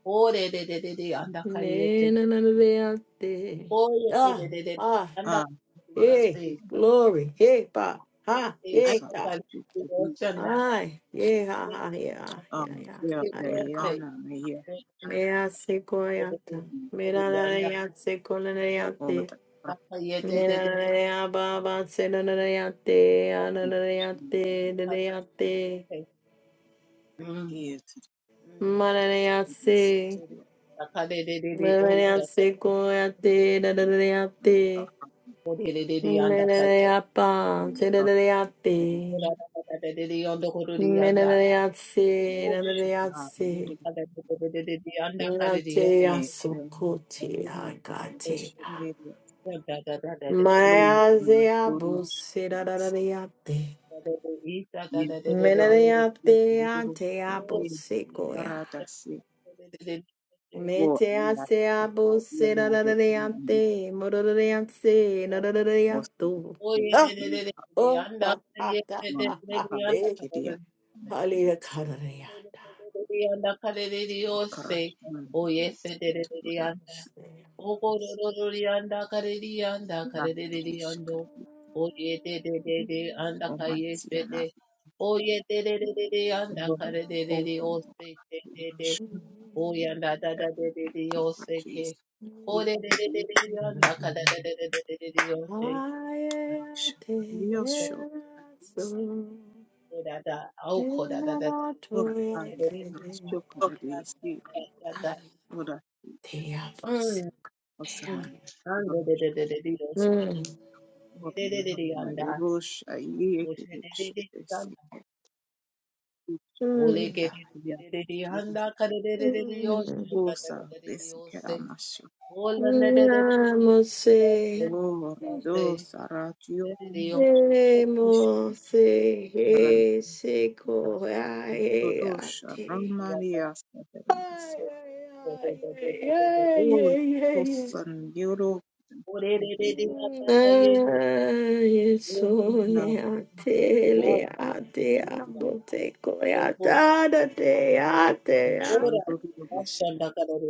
Speaker 3: oh, da, da, da, da, da, anda, kari, ete,
Speaker 1: menanananayate.
Speaker 3: oh, yeah, da, da,
Speaker 1: Ah,
Speaker 3: da, da,
Speaker 1: ah,
Speaker 2: Ah
Speaker 3: anda,
Speaker 1: hey,
Speaker 3: kariye.
Speaker 2: Parasita,
Speaker 1: glory, hey, pa,
Speaker 3: Mm.
Speaker 1: ha, hey,
Speaker 2: Usa
Speaker 1: ta,
Speaker 2: Ashukudi,
Speaker 1: ay, yeah, ha, ha, yeah,
Speaker 2: Ah
Speaker 1: yeah, yeah,
Speaker 2: Dea
Speaker 1: ah, yeah.
Speaker 2: Dayana Maya Shat,
Speaker 1: Me hace coyata, me la la
Speaker 2: nish
Speaker 1: la, hace con la la,
Speaker 2: Oda Prakti,
Speaker 1: Nenanaya baba senanayate ananayate dadayate
Speaker 2: Is
Speaker 3: Mm.
Speaker 1: mananayase
Speaker 2: Shatiya,
Speaker 1: mananayase koyate
Speaker 2: Dea
Speaker 1: dadayate
Speaker 2: Akam
Speaker 1: menanayapa
Speaker 2: Harkere,
Speaker 1: sedadayate menanayase
Speaker 2: Shatna
Speaker 1: dadayase
Speaker 2: Yuri,
Speaker 1: Nate
Speaker 2: Mekre,
Speaker 1: asokote
Speaker 2: Mekre,
Speaker 1: agate
Speaker 2: Mekre, Lord, in the
Speaker 1: mayaze
Speaker 2: story of
Speaker 1: abuse
Speaker 2: Jesus,
Speaker 1: dadayate
Speaker 2: yes, God, we thank
Speaker 1: menanayate
Speaker 2: you, Lord,
Speaker 1: ate
Speaker 2: that you
Speaker 1: abuse
Speaker 2: are at the sea.
Speaker 3: Oh, yes,
Speaker 2: Oh,
Speaker 1: Mete a
Speaker 2: I ask
Speaker 1: se a Metease
Speaker 2: that you are
Speaker 1: abose
Speaker 2: not the enemy,
Speaker 1: rarareante, mororeance,
Speaker 2: also the
Speaker 1: narareato.
Speaker 3: Oh,
Speaker 2: Lord,
Speaker 3: yeah, de
Speaker 1: Ah,
Speaker 3: de
Speaker 2: you
Speaker 3: de de
Speaker 2: are
Speaker 3: de,
Speaker 1: oh,
Speaker 3: anda,
Speaker 1: ba, ha,
Speaker 3: kare
Speaker 1: da,
Speaker 2: among
Speaker 1: ha,
Speaker 2: the
Speaker 1: ha,
Speaker 2: power,
Speaker 1: de,
Speaker 2: Kedia, and the
Speaker 1: halia,
Speaker 2: Lord's
Speaker 1: karareata.
Speaker 3: de de de oh,
Speaker 2: Okara,
Speaker 3: say,
Speaker 2: and the Lord's
Speaker 3: de de
Speaker 2: to the
Speaker 3: de anda
Speaker 2: Lord's,
Speaker 1: Te ye, so,
Speaker 2: not the Lord's, Kedia, O Matiana, the Lord, open
Speaker 3: say oh
Speaker 2: the
Speaker 3: oh
Speaker 2: Lord's
Speaker 3: Oh yanda da da
Speaker 2: heaven,
Speaker 3: de de de
Speaker 2: people,
Speaker 3: yo se
Speaker 2: please,
Speaker 3: ke. Oh
Speaker 2: you,
Speaker 3: de de
Speaker 2: you,
Speaker 3: de de
Speaker 2: you,
Speaker 3: de
Speaker 2: you, you, you,
Speaker 3: yanda ka da da de de de de de yo se.
Speaker 2: you, you, you,
Speaker 3: Yo se
Speaker 2: you, you,
Speaker 3: ke da da.
Speaker 1: te,
Speaker 3: Oh ko da da
Speaker 1: na,
Speaker 3: da de
Speaker 1: na,
Speaker 3: de
Speaker 2: Ora
Speaker 1: to, ya
Speaker 3: de de
Speaker 2: aia
Speaker 1: te,
Speaker 3: da.
Speaker 2: rasciocco da
Speaker 3: da da
Speaker 2: desi,
Speaker 3: da da da.
Speaker 1: Aye,
Speaker 2: ora
Speaker 1: te a amo.
Speaker 3: Mm,
Speaker 2: osana,
Speaker 3: mm. An de de de
Speaker 2: dorosha
Speaker 3: de de de yo se.
Speaker 2: seke,
Speaker 1: Mm.
Speaker 2: ora
Speaker 3: de de de de
Speaker 2: mama
Speaker 3: yanda.
Speaker 2: rosha ie
Speaker 3: Oh
Speaker 2: che
Speaker 3: she de de
Speaker 2: desce
Speaker 3: de yanda.
Speaker 2: seke,
Speaker 3: Oh le
Speaker 1: Mm.
Speaker 3: ke de
Speaker 2: aia,
Speaker 3: de de de yanda ka de de de de de yo se.
Speaker 1: Mm.
Speaker 3: Da da da
Speaker 2: osa
Speaker 3: da de de
Speaker 2: desi
Speaker 3: yo
Speaker 2: che
Speaker 3: se.
Speaker 2: ramascio,
Speaker 3: Oh la de de de de yo
Speaker 1: Namose.
Speaker 2: ora
Speaker 3: se.
Speaker 2: dosa
Speaker 3: Da da
Speaker 2: ratio,
Speaker 3: de de yo
Speaker 2: isha
Speaker 1: Nemose. Eseko.
Speaker 3: se.
Speaker 1: Ay,
Speaker 2: rantodosha,
Speaker 1: ate.
Speaker 2: ramaria saperias,
Speaker 1: Ay, ay, ay, ay, ay,
Speaker 2: ora
Speaker 1: ay, ay.
Speaker 2: osan yoro,
Speaker 1: Ay,
Speaker 2: ora, ora,
Speaker 1: eso, le
Speaker 2: ora, ora,
Speaker 1: ate, le ate,
Speaker 2: ora,
Speaker 1: abote, coyata, ate, ate, ate.
Speaker 2: ora, ora,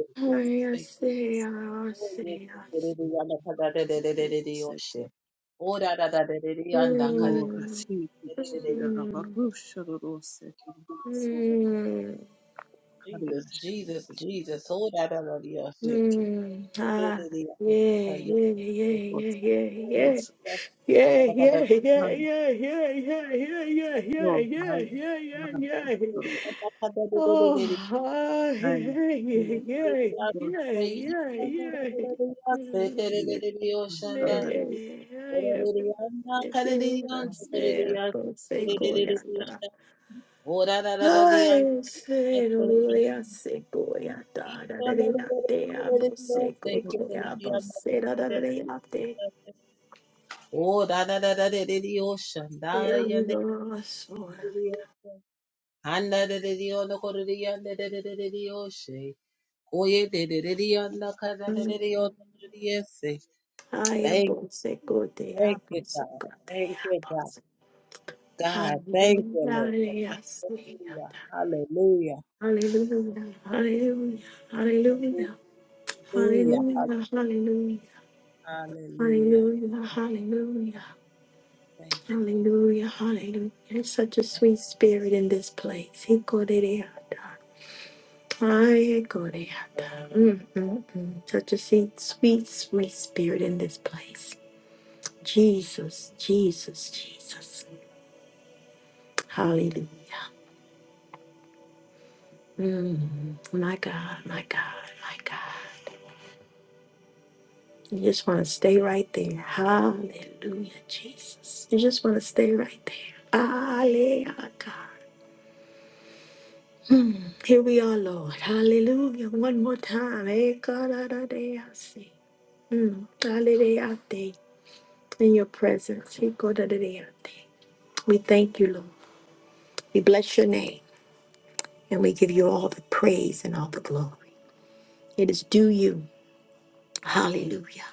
Speaker 2: ora,
Speaker 1: Ay,
Speaker 2: ora,
Speaker 1: ase, ase,
Speaker 2: Sete Lora
Speaker 1: Mm,
Speaker 2: Siti Kira
Speaker 1: mm,
Speaker 2: Barusha Rosette, Rose Kimbus
Speaker 1: mm,
Speaker 3: Jesus,
Speaker 2: Karish
Speaker 3: Jesus, Jesus. Oh, da
Speaker 2: Beki
Speaker 1: mm. Ah, yeah, yeah, yeah,
Speaker 2: Bos
Speaker 1: yeah, yeah, yeah.
Speaker 2: Bos
Speaker 1: Yeah,
Speaker 3: da
Speaker 1: yeah, yeah,
Speaker 2: Nan
Speaker 1: yeah, yeah, yeah, yeah, yeah, yeah,
Speaker 2: Lo
Speaker 1: yeah,
Speaker 2: Haya
Speaker 1: yeah,
Speaker 2: Nan
Speaker 1: yeah, yeah.
Speaker 2: Ro
Speaker 3: da
Speaker 1: Oh,
Speaker 3: da.
Speaker 1: ah,
Speaker 2: Haya
Speaker 1: yeah,
Speaker 3: Oh, da da da da da da
Speaker 2: Dina
Speaker 1: yeah,
Speaker 2: Lo
Speaker 1: yeah, yeah, yeah, yeah. Mm,
Speaker 2: Ye
Speaker 3: the
Speaker 1: yeah,
Speaker 3: ocean, da
Speaker 2: Sandari
Speaker 3: ya da
Speaker 1: I am- I
Speaker 3: the
Speaker 1: am- I say, I
Speaker 3: ocean,
Speaker 1: don't say, go, yeah. Ay, se lo seco y a tara de la te amo, seco te amo,
Speaker 3: and
Speaker 1: se lo doy a te.
Speaker 3: da da da the ocean, da da
Speaker 1: Te
Speaker 3: da
Speaker 1: amo, so-
Speaker 3: da da the ocean, oh yeah, da da da the ocean, da da da
Speaker 1: Mm.
Speaker 3: the ocean,
Speaker 1: Ay,
Speaker 3: yes,
Speaker 1: amo, seco te
Speaker 3: Thank you,
Speaker 1: amo,
Speaker 3: God.
Speaker 1: seco te
Speaker 3: Thank you,
Speaker 1: amo.
Speaker 3: God. God, thank you,
Speaker 1: Aleluya,
Speaker 3: Lord.
Speaker 1: aleluya, sí,
Speaker 3: Hallelujah.
Speaker 1: ata.
Speaker 3: Hallelujah.
Speaker 1: Hallelujah Hallelujah Hallelujah
Speaker 3: Hallelujah. Hallelujah.
Speaker 1: Hallelujah Hallelujah
Speaker 3: Hallelujah.
Speaker 1: Hallelujah Hallelujah
Speaker 3: Thank you, Lord.
Speaker 1: Hallelujah, hallelujah. There's such a
Speaker 3: Thank
Speaker 1: sweet spirit in this place. He called it a- I called it a- Mm, mm, mm. Such a sweet, sweet, sweet spirit in this place. Jesus, Jesus, Jesus. Hallelujah. Mm, my God, my God, my God. You just want to stay right there. Hallelujah, Jesus. You just want to stay right there. Hallelujah. Mm, Here we are, Lord. Hallelujah. One more time. Eh, God, ah, Mm. Hallelujah. I In your presence. He go, da, We thank you, Lord. We bless your name and we give you all the praise and all the glory. It is due you. Hallelujah.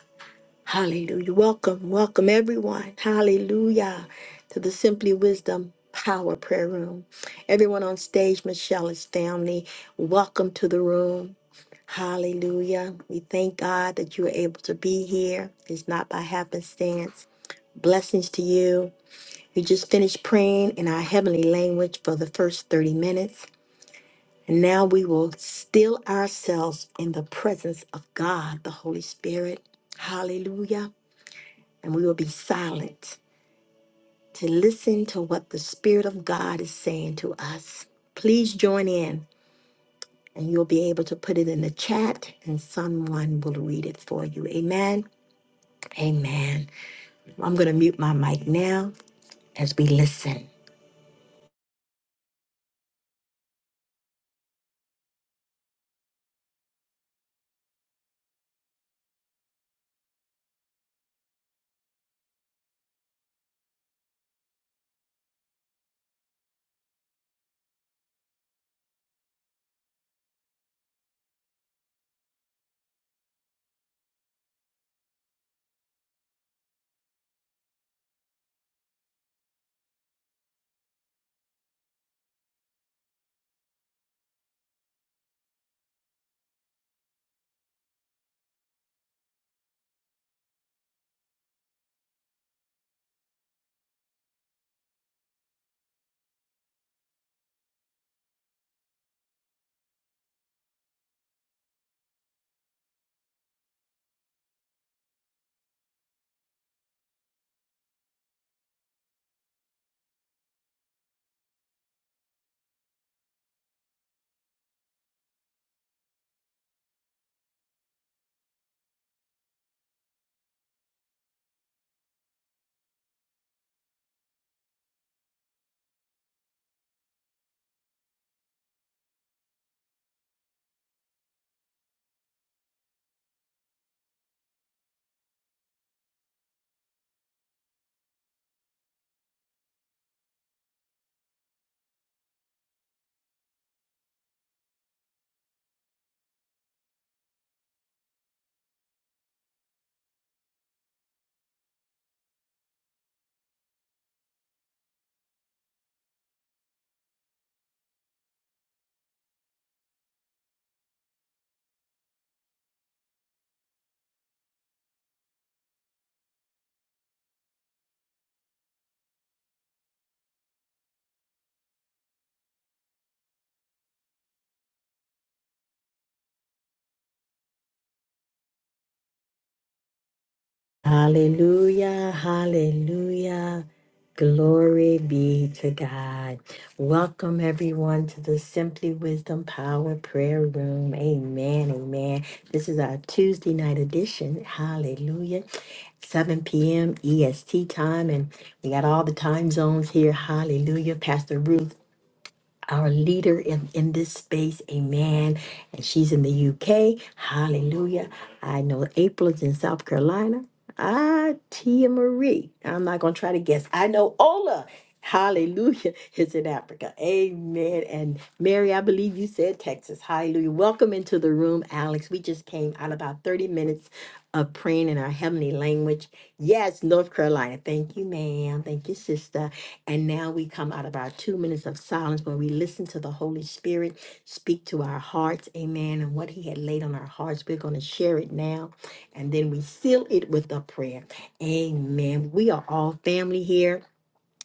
Speaker 1: Hallelujah. Welcome, welcome everyone. Hallelujah to the Simply Wisdom Power Prayer Room. Everyone on stage, Michelle is family. Welcome to the room. Hallelujah. We thank God that you are able to be here. It's not by happenstance. Blessings to you. We just finished praying in our heavenly language for the first 30 minutes. And now we will still ourselves in the presence of God, the Holy Spirit. Hallelujah. And we will be silent to listen to what the Spirit of God is saying to us. Please join in, and you'll be able to put it in the chat, and someone will read it for you. Amen. Amen. I'm going to mute my mic now as we listen. Hallelujah. Hallelujah. Glory be to God. Welcome everyone to the Simply Wisdom Power Prayer Room. Amen. Amen. This is our Tuesday night edition. Hallelujah. 7 p.m. EST time, and we got all the time zones here. Hallelujah. Pastor Ruth our leader in, in this space. Amen. And she's in the UK. Hallelujah. I know April is in South Carolina. Ah, Tia Marie. I'm not going to try to guess. I know Ola. Hallelujah is in Africa. Amen. And Mary, I believe you said Texas. Hallelujah. Welcome into the room, Alex. We just came out about 30 minutes of praying in our heavenly language. Yes, North Carolina. Thank you, ma'am. Thank you, sister. And now we come out of our two minutes of silence where we listen to the Holy Spirit speak to our hearts. Amen. And what He had laid on our hearts, we're going to share it now. And then we seal it with a prayer. Amen. We are all family here.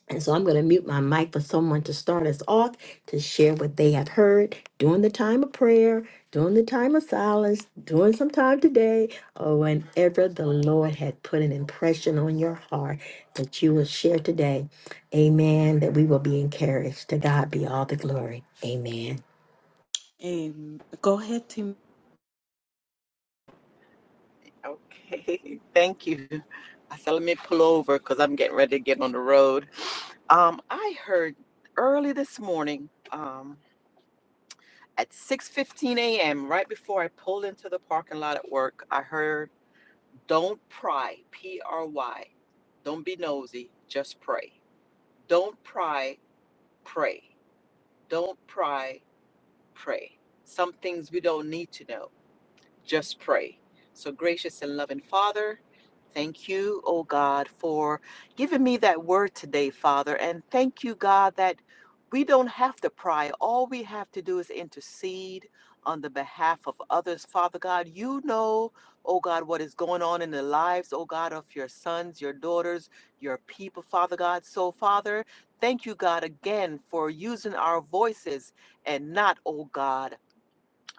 Speaker 1: And so I'm going to mute my mic for someone to start us off to share what they have heard during the time of prayer, during the time of silence, during some time today, or whenever the Lord had put an impression on your heart that you will share today. Amen. That we will be encouraged. To God be all the glory. Amen.
Speaker 2: Amen. Go ahead, Team.
Speaker 4: Okay, thank you. I said, let me pull over because I'm getting ready to get on the road. Um, I heard early this morning, um, at 6:15 a.m., right before I pulled into the parking lot at work, I heard, "Don't pry, P-R-Y. Don't be nosy, just pray. Don't pry, pray. Don't pry, pray. Some things we don't need to know. just pray. So, gracious and loving Father, thank you, oh God, for giving me that word today, Father. And thank you, God, that we don't have to pry. All we have to do is intercede on the behalf of others, Father God. You know, oh God, what is going on in the lives, oh God, of your sons, your daughters, your people, Father God. So, Father, thank you, God, again for using our voices and not, oh God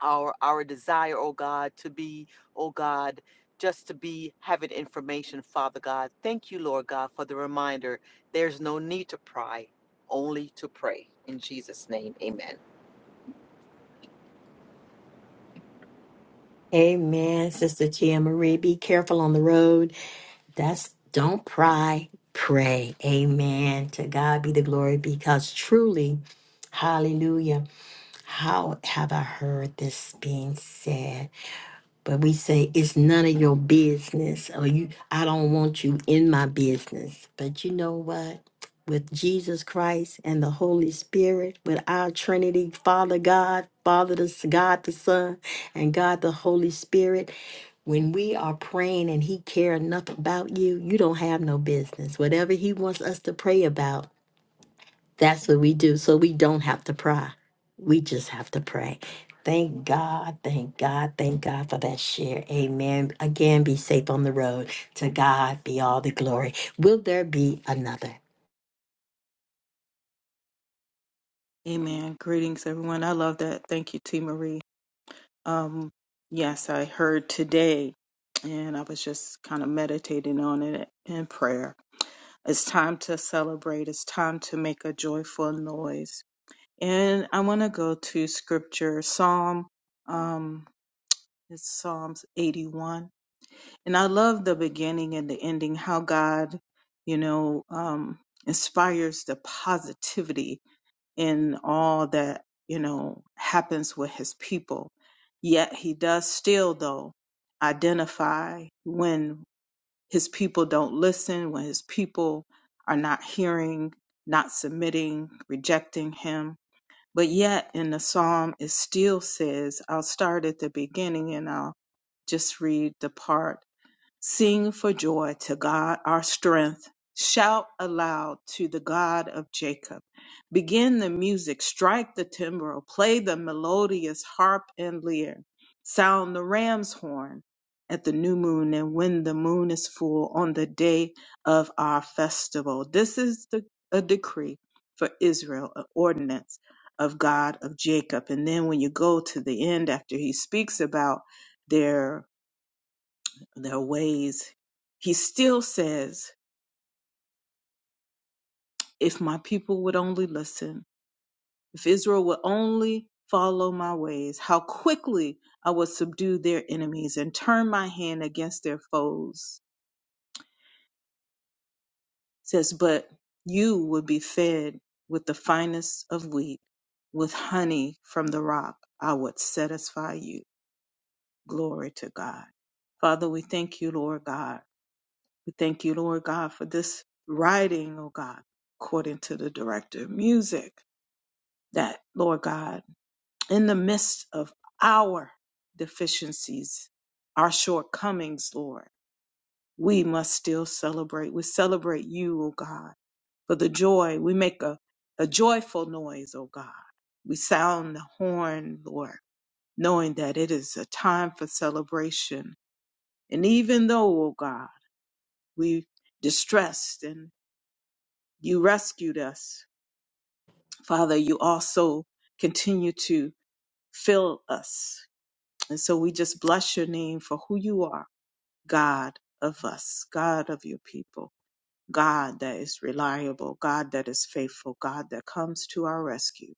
Speaker 4: our our desire, oh God, to be, oh God, just to be having information, Father God. Thank you, Lord God, for the reminder. There's no need to pry, only to pray. In Jesus' name, amen.
Speaker 1: Amen. Sister Tia Marie, be careful on the road. That's don't pry, pray. Amen. To God be the glory because truly, hallelujah, how have I heard this being said? But we say it's none of your business, or you I don't want you in my business. But you know what? With Jesus Christ and the Holy Spirit, with our Trinity, Father God, Father the S- God the Son, and God the Holy Spirit, when we are praying and He care enough about you, you don't have no business. Whatever He wants us to pray about, that's what we do. So we don't have to pry. We just have to pray. Thank God, thank God, thank God for that share. Amen. Again, be safe on the road. To God be all the glory. Will there be another?
Speaker 2: Amen. Greetings, everyone. I love that. Thank you, Team Marie. Um, yes, I heard today, and I was just kind of meditating on it in prayer. It's time to celebrate, it's time to make a joyful noise. And I want to go to scripture, Psalm, um, it's Psalms 81. And I love the beginning and the ending, how God, you know, um, inspires the positivity in all that you know happens with his people yet he does still though identify when his people don't listen when his people are not hearing not submitting rejecting him but yet in the psalm it still says i'll start at the beginning and i'll just read the part Sing for joy to God our strength. Shout aloud to the God of Jacob. Begin the music, strike the timbrel, play the melodious harp and lyre. Sound the ram's horn at the new moon and when the moon is full on the day of our festival. This is the, a decree for Israel, an ordinance of God of Jacob. And then when you go to the end after he speaks about their their ways, he still says, If my people would only listen, if Israel would only follow my ways, how quickly I would subdue their enemies and turn my hand against their foes. Says, But you would be fed with the finest of wheat, with honey from the rock. I would satisfy you. Glory to God. Father, we thank you, Lord God We thank you, Lord God, for this writing, oh God, according to the director of music, that, Lord God, in the midst of our deficiencies, our shortcomings, Lord, we must still celebrate. We celebrate you, O God, for the joy. We make a, a joyful noise, O God. We sound the horn, Lord, knowing that it is a time for celebration. And even though, O God, we distressed and You rescued us. Father, you also continue to fill us. And so we just bless your name for who you are, God of us, God of your people, God that is reliable, God that is faithful, God that comes to our rescue.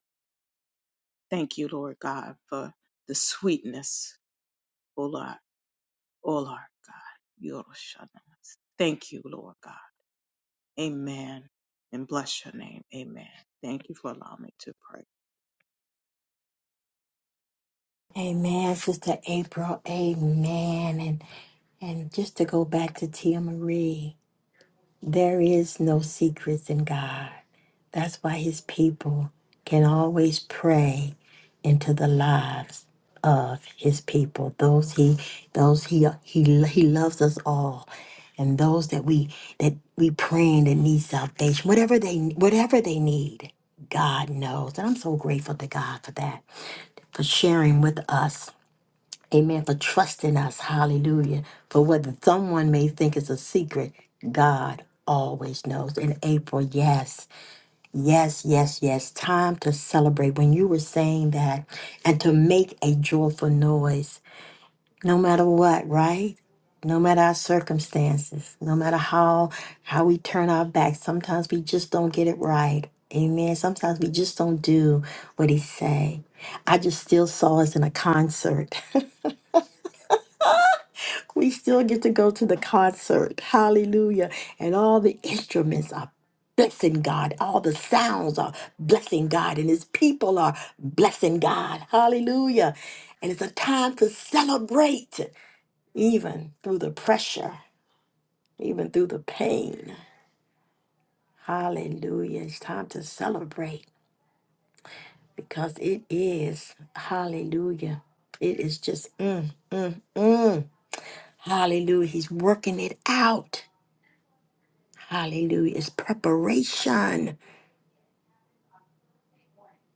Speaker 2: Thank you, Lord God, for the sweetness, O Lord, O Lord God. Yoroshanan. Thank you, Lord God. Amen. And bless your name. Amen. Thank you for allowing me to pray.
Speaker 1: Amen, Sister April. Amen. And and just to go back to Tia Marie, there is no secrets in God. That's why his people can always pray into the lives of his people. Those he those he he he loves us all. And those that we that we praying that need salvation, whatever they whatever they need, God knows. And I'm so grateful to God for that, for sharing with us. Amen. For trusting us. Hallelujah. For what someone may think is a secret, God always knows. In April, yes. Yes, yes, yes. Time to celebrate. When you were saying that, and to make a joyful noise, no matter what, right? No matter our circumstances, no matter how how we turn our back, sometimes we just don't get it right. Amen. Sometimes we just don't do what he say. I just still saw us in a concert. We still get to go to the concert. Hallelujah. And all the instruments are blessing God. All the sounds are blessing God. And his people are blessing God. Hallelujah. And it's a time to celebrate, even through the pressure, even through the pain. Hallelujah. It's time to celebrate because it is. Hallelujah. It is just, mm, mm, mm. Hallelujah. He's working it out. Hallelujah. It's preparation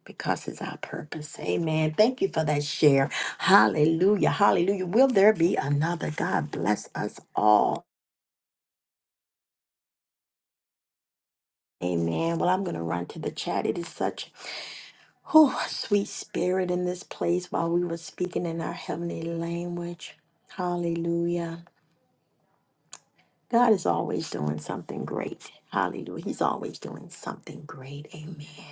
Speaker 1: because it's our purpose. Amen. Thank you for that share. Hallelujah. Hallelujah. Will there be another? God bless us all. Amen. Well, I'm going to run to the chat. It is such whew, a sweet spirit in this place while we were speaking in our heavenly language. Hallelujah. God is always doing something great. Hallelujah. He's always doing something great. Amen.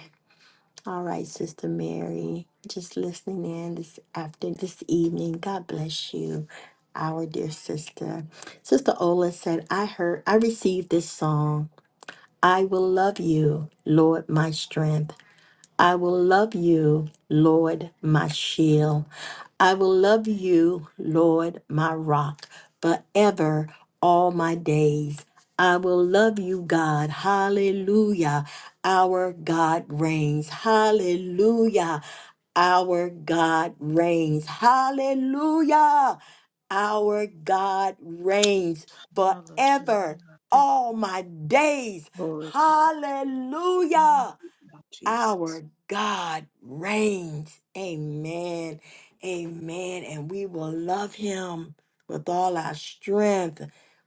Speaker 1: All right, Sister Mary, just listening in this after this evening. God bless you, our dear sister. Sister Ola said, I heard, I received this song. I will love you, Lord, my strength. I will love you, Lord, my shield. I will love you, Lord, my rock, forever all my days. I will love you, God. Hallelujah. Our God reigns. Hallelujah. Our God reigns. Hallelujah. Our God reigns
Speaker 2: Hallelujah.
Speaker 1: forever
Speaker 2: Thank
Speaker 1: all my days.
Speaker 2: you, glory to God,
Speaker 1: Hallelujah.
Speaker 2: Lord Jesus.
Speaker 1: Our God reigns. Amen. Amen. And we will love him with all our strength,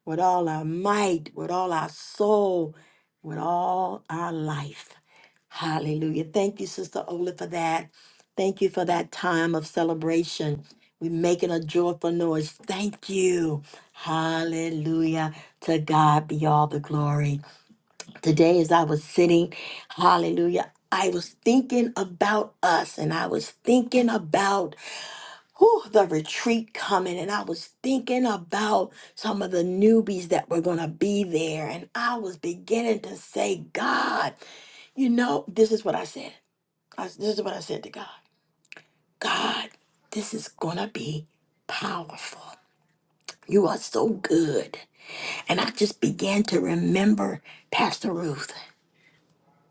Speaker 1: with all our might, with all our soul, with all our life. Hallelujah. Thank you, Sister Ola, for that. Thank you for that time of celebration. We're making a joyful noise. Thank you. Hallelujah. To God be all the glory today as I was sitting, hallelujah, I was thinking about us and I was thinking about whew, the retreat coming and I was thinking about some of the newbies that were going to be there. And I was beginning to say, God, you know, this is what I said. I, this is what I said to God God, this is going to be powerful. You are so good. And I just began to remember Pastor Ruth.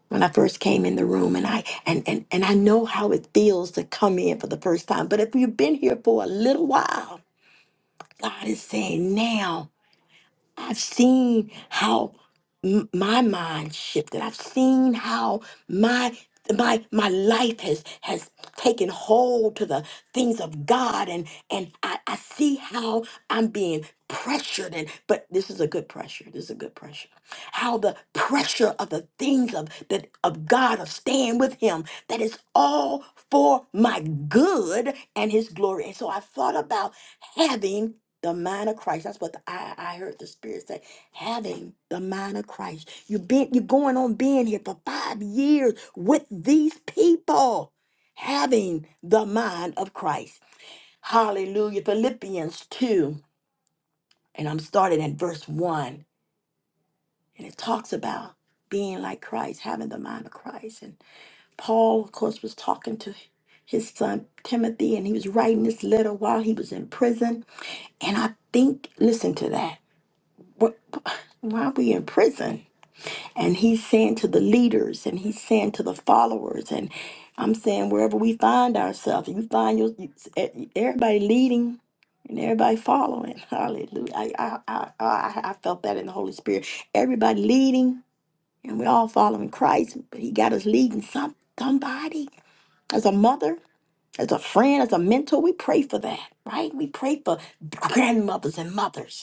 Speaker 1: when I first came in the room and I and, and and I know how it feels to come in for the first time. But if you've been here for a little while, God is saying now I've seen how m- my mind shifted. I've seen how my my my life has has taken hold to the things of God and and I, I see how I'm being pressured and but this is a good pressure this is a good pressure how the pressure of the things of that of God of staying with him that is all for my good and his glory and so I thought about having the mind of Christ. That's what the, I, I heard the Spirit say. Having the mind of Christ. You've been you're going on being here for five years with these people. Having the mind of Christ. Hallelujah. Philippians 2. And I'm starting at verse 1. And it talks about being like Christ, having the mind of Christ. And Paul, of course, was talking to his son Timothy, and he was writing this letter while he was in prison. And I think, listen to that. wh- why are we in prison? And he's saying to the leaders and he's saying to the followers, and I'm saying wherever we find ourselves, you find your you- e- everybody leading and everybody following. Hallelujah. I, I, I, I I felt that in the Holy Spirit. Everybody leading and we're all following Christ, but he got us leading some somebody as a mother. As a friend, as a mentor, we pray for that, right? We pray for grandmothers and mothers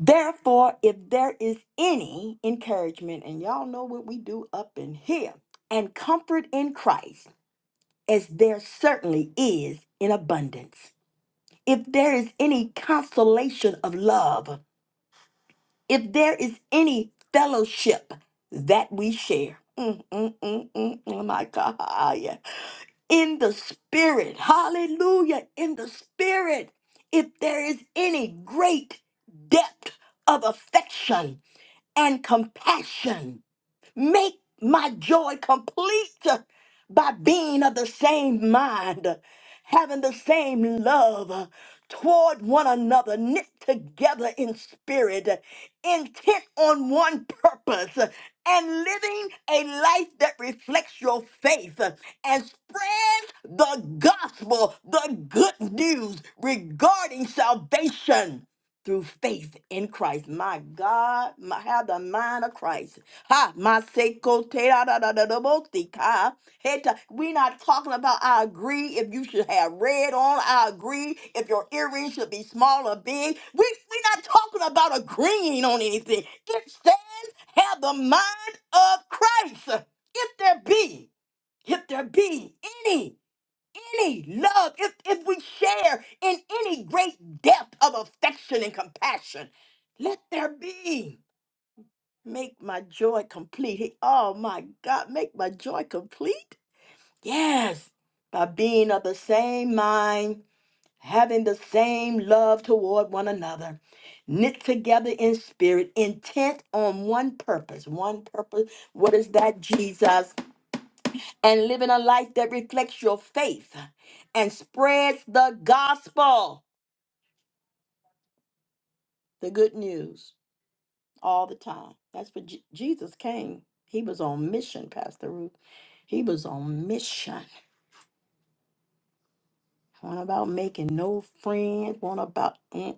Speaker 1: Therefore, if there is any encouragement, and y'all know what we do up in here, and comfort in Christ, as there certainly is in abundance, if there is any consolation of love, if there is any fellowship that we share, mm, mm, mm, mm, mm, my God, yeah in the spirit. Hallelujah. In the spirit. If there is any great depth of affection and compassion Make my joy complete by being of the same mind, having the same love toward one another, knit together in spirit, intent on one purpose, and living a life that reflects your faith and spreads the gospel, the good news regarding salvation through faith in Christ. My God, my, have the mind of Christ. Ha, my seko te da da da da da bo ti ka. He ta- we not talking about I agree if you should have red on. I agree if your earrings should be small or big. We we not talking about agreeing on anything. It says have the mind of Christ. If there be, if there be any any love, if, if we share in any great depth of affection and compassion, let there be. Make my joy complete. He- Oh my God, make my joy complete? Yes, by being of the same mind, having the same love toward one another, knit together in spirit, intent on one purpose. One purpose. What is that, Jesus? and living a life that reflects your faith and spreads the gospel, the good news, all the time. That's what Je- Jesus came. He was on mission, Pastor Ruth. He was on mission. One about making no friends. One about mm,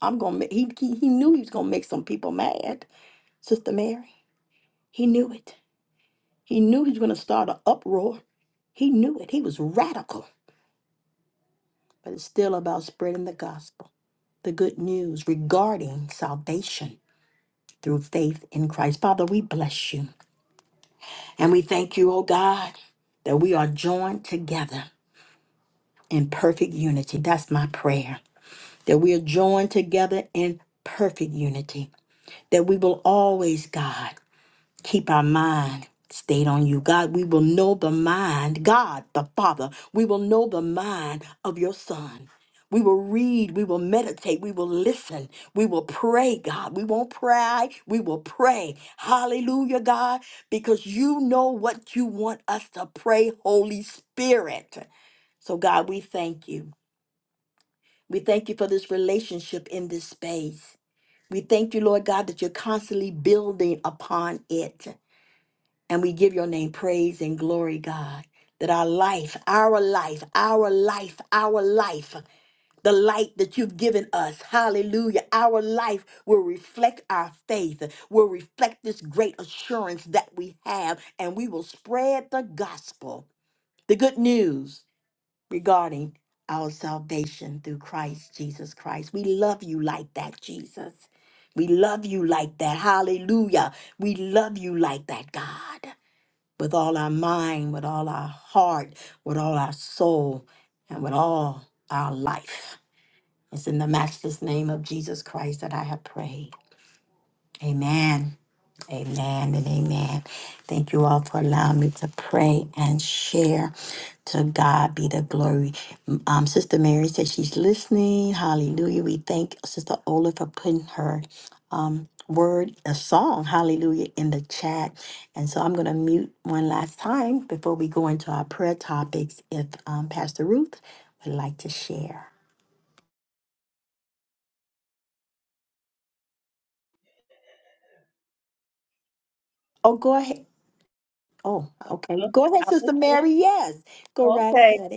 Speaker 1: I'm gonna. Make, he, he he knew he was gonna make some people mad. Sister Mary, he knew it. He knew he was gonna start an uproar. He knew it. He was radical, but it's still about spreading the gospel. the good news regarding salvation through faith in Christ. Father, we bless you and we thank you, oh God, that we are joined together in perfect unity. That's my prayer. That we are joined together in perfect unity. That we will always, God, Keep our mind stayed on you. God, we will know the mind, God the Father, we will know the mind of your Son. We will read, we will meditate, we will listen, we will pray, God. We won't pray, we will pray. Hallelujah, God, because you know what you want us to pray, Holy Spirit. So, God, we thank you. We thank you for this relationship in this space. We thank you, Lord God, that you're constantly building upon it. And we give your name praise and glory, God, that our life, our life, our life, our life, the light that you've given us, hallelujah, our life will reflect our faith, will reflect this great assurance that we have, and we will spread the gospel, the good news regarding our salvation through Christ Jesus Christ. We love you like that, Jesus. We love you like that. Hallelujah. We love you like that, God with all our mind, with all our heart, with all our soul, and with all our life. It's in the matchless name of Jesus Christ that I have prayed. Amen. Amen and amen. Thank you all for allowing me to pray and share. To God be the glory. Um, Sister Mary said she's listening. Hallelujah. We thank Sister Ola for putting her um, word, a song, hallelujah, in the chat. And so I'm going to mute one last time before we go into our prayer topics if um, Pastor Ruth would like to share. Oh, go ahead. Oh, okay.
Speaker 3: you.
Speaker 1: Go ahead,
Speaker 3: I was
Speaker 1: Sister
Speaker 3: just,
Speaker 1: Mary. Yes, go right
Speaker 3: okay.
Speaker 1: ahead.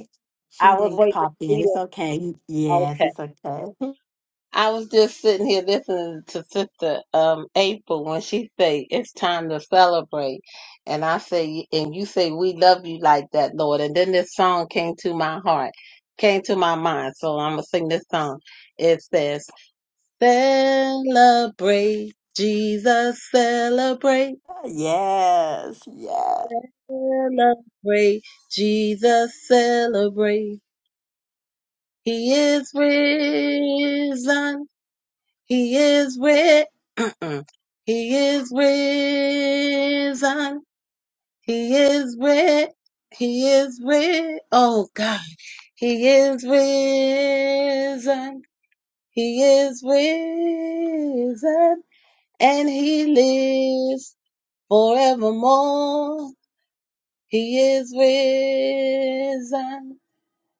Speaker 1: She
Speaker 3: I was
Speaker 1: didn't
Speaker 3: waiting to
Speaker 1: pop in.
Speaker 3: see
Speaker 1: It's
Speaker 3: you.
Speaker 1: okay.
Speaker 3: Okay.
Speaker 1: Yes, it's okay.
Speaker 3: I was just sitting here listening to Sister um, April when she say it's time to celebrate, and I say, and you say we love you like that, Lord. And then this song came to my heart, came to my mind. So I'm gonna sing this song. It says, "Celebrate Jesus, celebrate,
Speaker 1: yes, yes.
Speaker 3: celebrate Jesus, celebrate. He is risen. He is risen." Mm. He is risen. He is risen. He is risen. Oh God. He is risen. He is risen. And he lives forevermore. He is risen.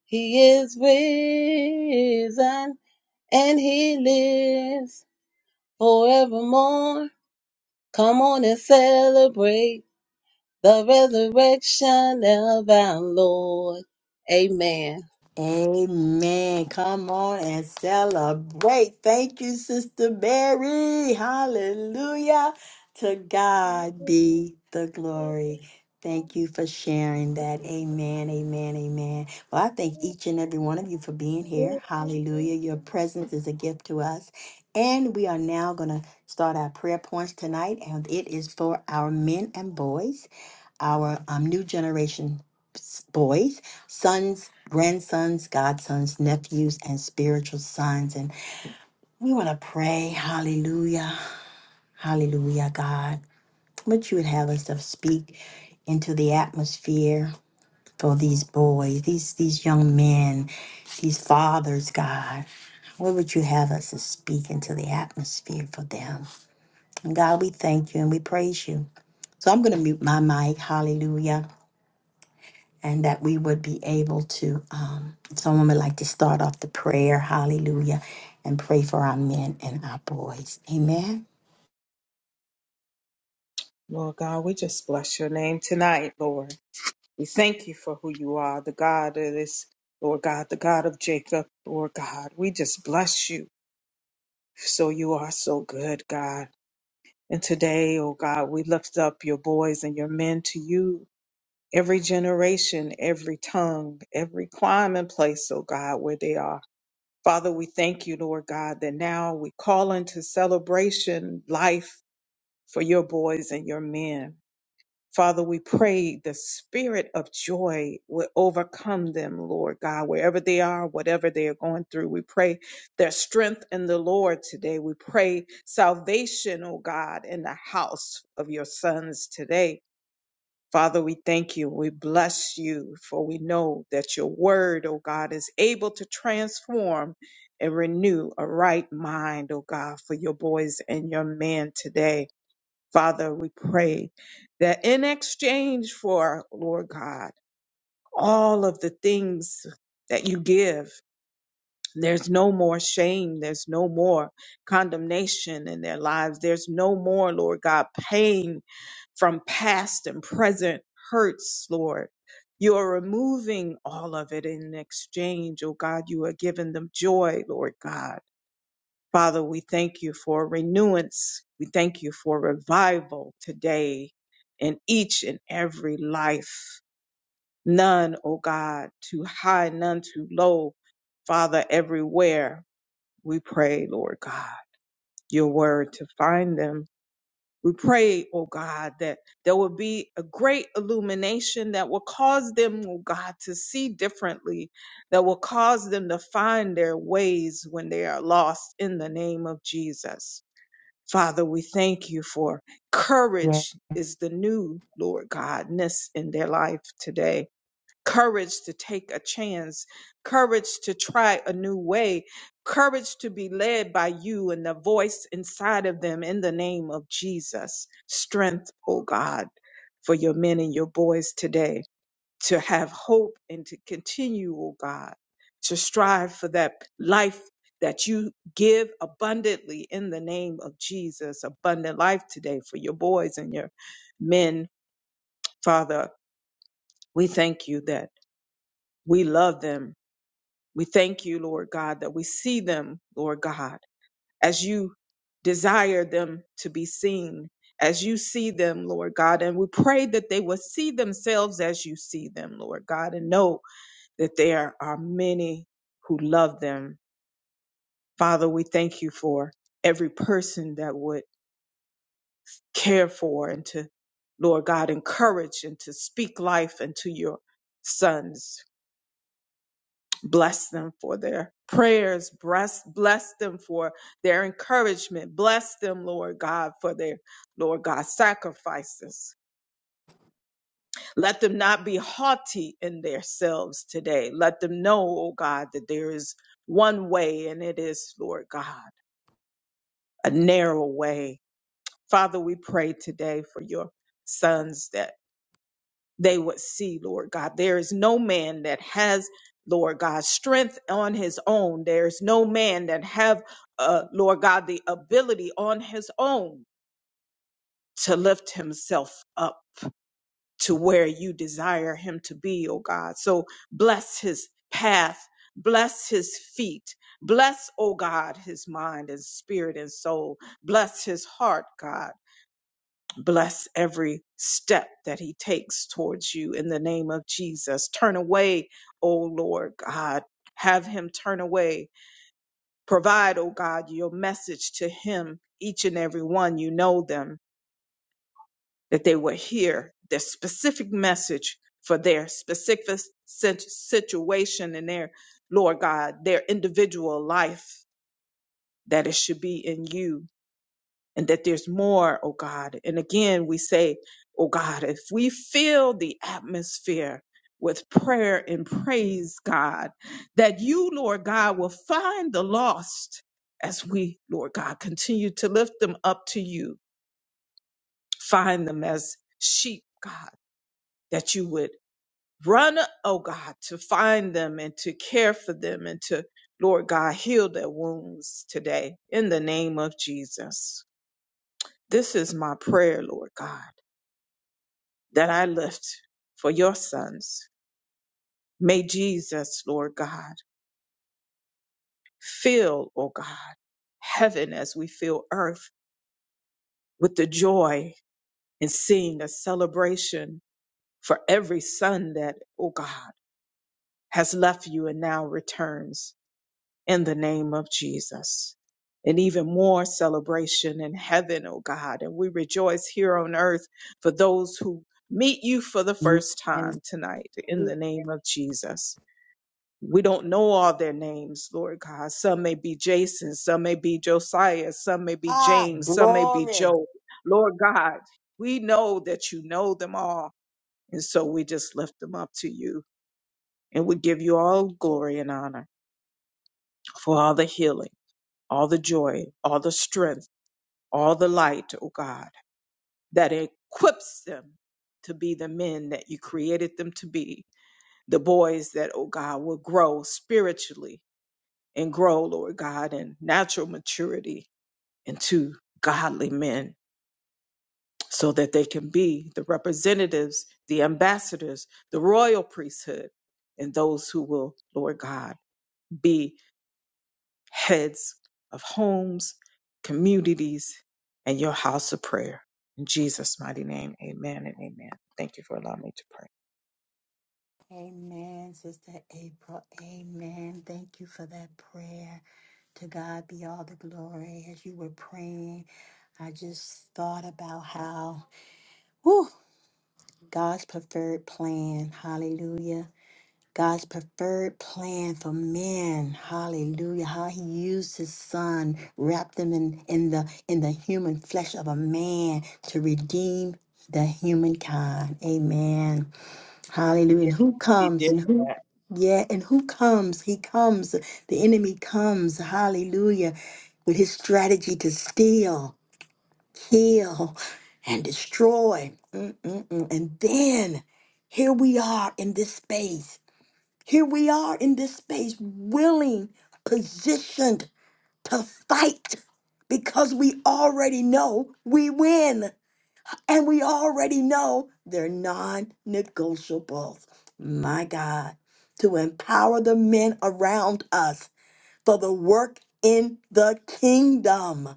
Speaker 3: He is risen. And he lives forevermore. Come on and celebrate. the resurrection of our Lord. Amen.
Speaker 1: Amen. Come on and celebrate. Thank you, Sister Mary. Hallelujah. To God be the glory. Thank you for sharing that. Amen. Amen. Amen. Well, I thank each and every one of you for being here. Hallelujah. Your presence is a gift to us. And we are now going to start our prayer points tonight, and it is for our men and boys, our um, new generation s- boys, sons, grandsons, godsons, nephews, and spiritual sons. And we want to pray, hallelujah, hallelujah, God, what you would have us to speak into the atmosphere for these boys, these, these young men, these fathers, God. What would you have us to speak into the atmosphere for them? And God, we thank you and we praise you. So I'm going to mute my mic. Hallelujah. and that we would be able to. Um, someone would like to start off the prayer, hallelujah, and pray for our men and our boys. Amen.
Speaker 2: Lord God, we just bless your name tonight, Lord. We thank you for who you are, the God of this, Lord God, the God of Jacob, Lord God. We just bless you. So you are so good, God. And today, oh God, we lift up your boys and your men to you. Every generation, every tongue, every clime and place, oh God, where they are. Father, we thank you, Lord God, that now we call into celebration life for your boys and your men. Father, we pray the spirit of joy will overcome them, Lord God, wherever they are, whatever they are going through. We pray their strength in the Lord today. We pray salvation, oh God, in the house of your sons today. Father, we thank you. We bless you, for we know that your word, O God, is able to transform and renew a right mind, O God, for your boys and your men today. Father, we pray that in exchange for, Lord God, all of the things that you give, there's no more shame. There's no more condemnation in their lives. There's no more, Lord God, pain from past and present hurts, Lord. You're removing all of it in exchange, oh God. You are giving them joy, Lord God. Father, we thank you for renewance. We thank you for revival today in each and every life. None, oh God, too high, none too low. Father, everywhere we pray, Lord God, your word to find them we pray, oh God, that there will be a great illumination that will cause them, oh God, to see differently, that will cause them to find their ways when they are lost in the name of Jesus. Father, we thank you for
Speaker 1: Yes.
Speaker 2: courage is the new, Lord God, ness in their life today courage to take a chance, courage to try a new way, courage to be led by you and the voice inside of them in the name of Jesus. Strength, oh God, for your men and your boys today to have hope and to continue, oh God, to strive for that life that you give abundantly in the name of Jesus. Abundant life today for your boys and your men, Father. We thank you that we love them We thank you, Lord God, that we see them, Lord God, as you desire them to be seen, as you see them, Lord God. And we pray that they will see themselves as you see them, Lord God, and know that there are many who love them. Father, we thank you for every person that would care for and to, Lord God, encourage and to speak life into your sons, Bless them for their prayers. Bless, bless them for their encouragement. Bless them, Lord God, for their, Lord God, sacrifices. Let them not be haughty in themselves today. Let them know, oh God, that there is one way and it is, Lord God, a narrow way. Father, we pray today for your sons that they would see, Lord God. There is no man that has, Lord God, strength on his own. There is no man that have, uh, Lord God, the ability on his own to lift himself up to where you desire him to be, oh God. So bless his path, bless his feet, bless, oh God, his mind and spirit and soul, bless his heart, God. Bless every step that he takes towards you in the name of Jesus. Turn away, O Lord God. Have him turn away. Provide, O God, your message to him, each and every one. You know them, that they will hear their specific message for their specific sit- situation in their, Lord God, their individual life, that it should be in you and that there's more, oh God. And again, we say, oh God, if we fill the atmosphere with prayer and praise, God, that you, Lord God, will find the lost as we, Lord God, continue to lift them up to you, find them as sheep, God, that you would run, oh God, to find them and to care for them and to, Lord God, heal their wounds today in the name of Jesus. This is my prayer, Lord God that I lift for your sons. May Jesus, Lord God, fill, oh God, heaven as we fill earth with the joy in seeing a celebration for every son that, oh God, has left you and now returns in the name of Jesus. And even more celebration in heaven, oh God. And we rejoice here on earth for those who meet you for the first
Speaker 1: Yes.
Speaker 2: time tonight in the name of Jesus. We don't know all their names, Lord God. Some may be Jason, some may be Josiah, some may be
Speaker 1: Ah,
Speaker 2: James, some may be
Speaker 1: glory.
Speaker 2: Joe. Lord God, we know that you know them all. And so we just lift them up to you and we give you all glory and honor for all the healing, all the joy, all the strength, all the light, oh God, that equips them to be the men that you created them to be, the boys that, oh God, will grow spiritually and grow, Lord God, in natural maturity into godly men so that they can be the representatives, the ambassadors, the royal priesthood, and those who will, Lord God, be heads of homes, communities, and your house of prayer. In Jesus' mighty name, amen and amen. Thank you for allowing me to pray.
Speaker 1: Amen, Sister April. Amen. Thank you for that prayer. To God be all the glory. As you were praying, I just thought about how whew, God's preferred plan, hallelujah. God's preferred plan for men. Hallelujah. How he used his son, wrapped him in, in the in the human flesh of a man to redeem the humankind. Amen. Hallelujah. And
Speaker 2: Yes,
Speaker 1: who
Speaker 2: he
Speaker 1: comes
Speaker 2: did
Speaker 1: and who
Speaker 2: that.
Speaker 1: yeah, and who comes? He comes. The enemy comes. Hallelujah. With his strategy to steal, kill, and destroy. Mm, mm, mm. And then here we are in this space here we are in this space, willing, positioned to fight because we already know we win and we already know they're non negotiables. My God, to empower the men around us for the work in the kingdom.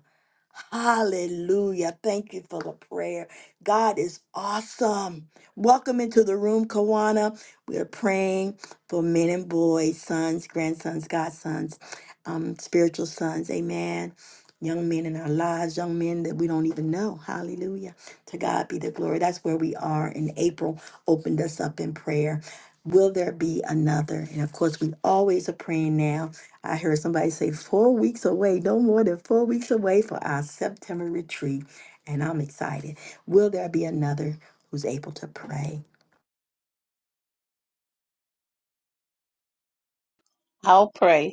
Speaker 1: Hallelujah. Thank you for the prayer. God is awesome. Welcome into the room, Kawana. We are praying for men and boys, sons, grandsons, godsons, um, spiritual sons. Amen. Young men in our lives, young men that we don't even know. Hallelujah. To God be the glory. That's where we are. And April opened us up in prayer. Will there be another? And of course, we always are praying now I heard somebody say four weeks away, no more than four weeks away for our September retreat. And I'm excited. Will there be another who's able to pray?
Speaker 3: I'll pray.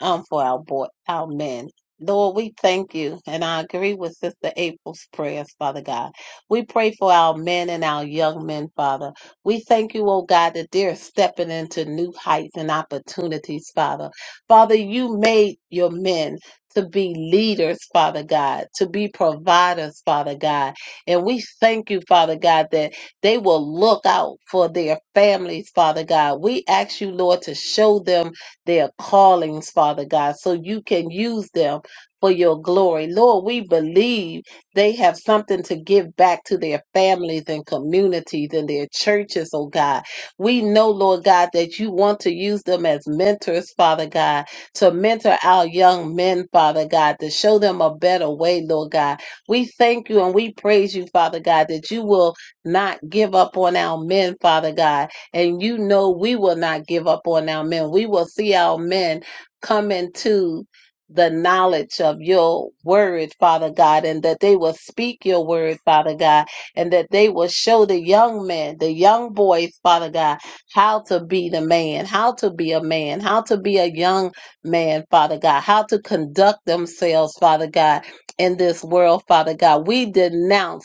Speaker 3: um, for our boy, our men. Lord, we thank you, and I agree with Sister April's prayers, Father God. We pray for our men and our young men, Father. We thank you, oh God, that they're stepping into new heights and opportunities, Father. Father, you made your men to be leaders, Father God, to be providers, Father God. And we thank you, Father God, that they will look out for their families, Father God. We ask you, Lord, to show them their callings, Father God, so you can use them for your glory. Lord, we believe they have something to give back to their families and communities and their churches, oh God. We know, Lord God, that you want to use them as mentors, Father God, to mentor our young men, Father God, to show them a better way, Lord God. We thank you and we praise you, Father God, that you will not give up on our men, Father God and you know, we will not give up on our men. We will see our men come into the knowledge of your word, Father God, and that they will speak your word, Father God, and that they will show the young men, the young boys, Father God, how to be the man, how to be a man, how to be a young man, Father God, how to conduct themselves, Father God, in this world, Father God. We denounce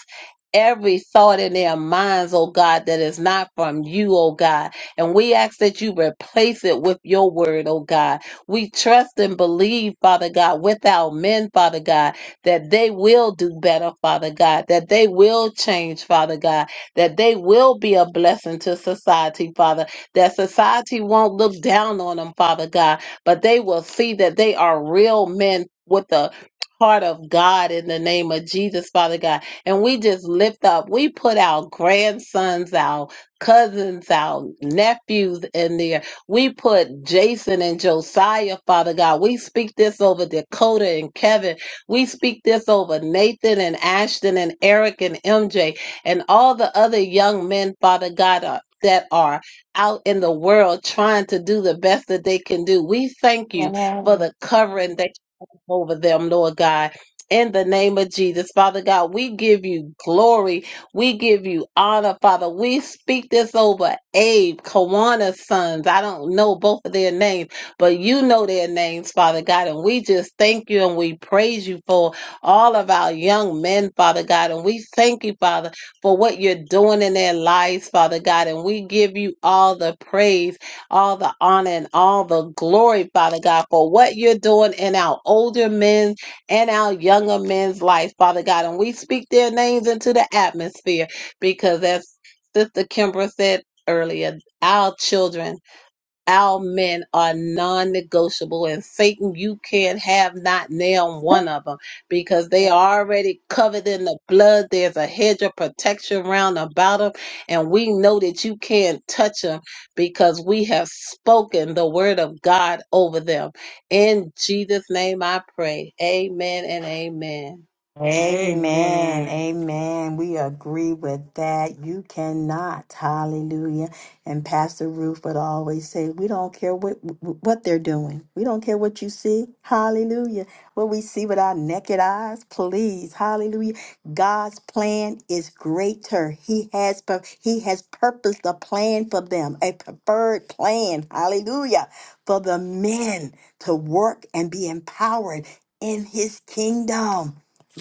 Speaker 3: every thought in their minds, oh God, that is not from you, oh God. And we ask that you replace it with your word, oh God. We trust and believe, Father God, with our men, Father God, that they will do better, Father God, that they will change, Father God, that they will be a blessing to society, Father, that society won't look down on them, Father God, but they will see that they are real men with a heart of God in the name of Jesus, Father God and we just lift up, we put our grandsons, our cousins, our nephews in there. We put Jason and Josiah, Father God. We speak this over Dakota and Kevin. We speak this over Nathan and Ashton and Eric and MJ and all the other young men, Father God, uh, that are out in the world trying to do the best that they can do. We thank you for the covering that you have over them, Lord God in the name of Jesus. Father God, we give you glory. We give you honor, Father. We speak this over Abe, Kawana's sons. I don't know both of their names, but you know their names, Father God. And we just thank you and we praise you for all of our young men, Father God. And we thank you, Father, for what you're doing in their lives, Father God. And we give you all the praise, all the honor, and all the glory, Father God, for what you're doing in our older men and our younger men's life, Father God. And we speak their names into the atmosphere because, as Sister Kimbra said earlier, our children our men are non negotiable, and Satan, you can't have not nailed one of them because they are already covered in the blood. There's a hedge of protection round about them, and we know that you can't touch them because we have spoken the word of God over them. In Jesus' name I pray. Amen and amen.
Speaker 1: Amen.
Speaker 2: Amen.
Speaker 1: Amen. We agree with that. You cannot. Hallelujah. And Pastor Ruth would always say, we don't care what what they're doing. We don't care what you see. Hallelujah. What we see with our naked eyes, please. Hallelujah. God's plan is greater. He has pur- he has purposed a plan for them, a preferred plan. Hallelujah. For the men to work and be empowered in his kingdom.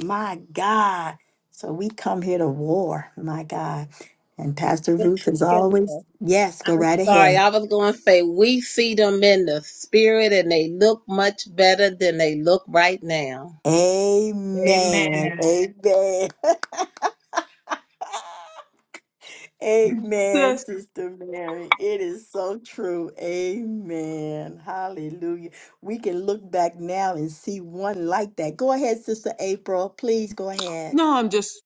Speaker 1: My God. So we come here to war, my God. And Pastor Ruth
Speaker 3: Sister
Speaker 1: is always,
Speaker 3: Kimber.
Speaker 1: yes, go
Speaker 3: I'm
Speaker 1: right
Speaker 3: sorry,
Speaker 1: ahead.
Speaker 3: I was going to say we see them in the spirit and they look much better than they look right now.
Speaker 1: Amen.
Speaker 2: Amen.
Speaker 1: Amen. Amen,
Speaker 2: Sis,
Speaker 1: Sister Mary. It is so true. Amen. Hallelujah. We can look back now and see one like that. Go ahead, Sister April. Please go ahead.
Speaker 2: no, I'm just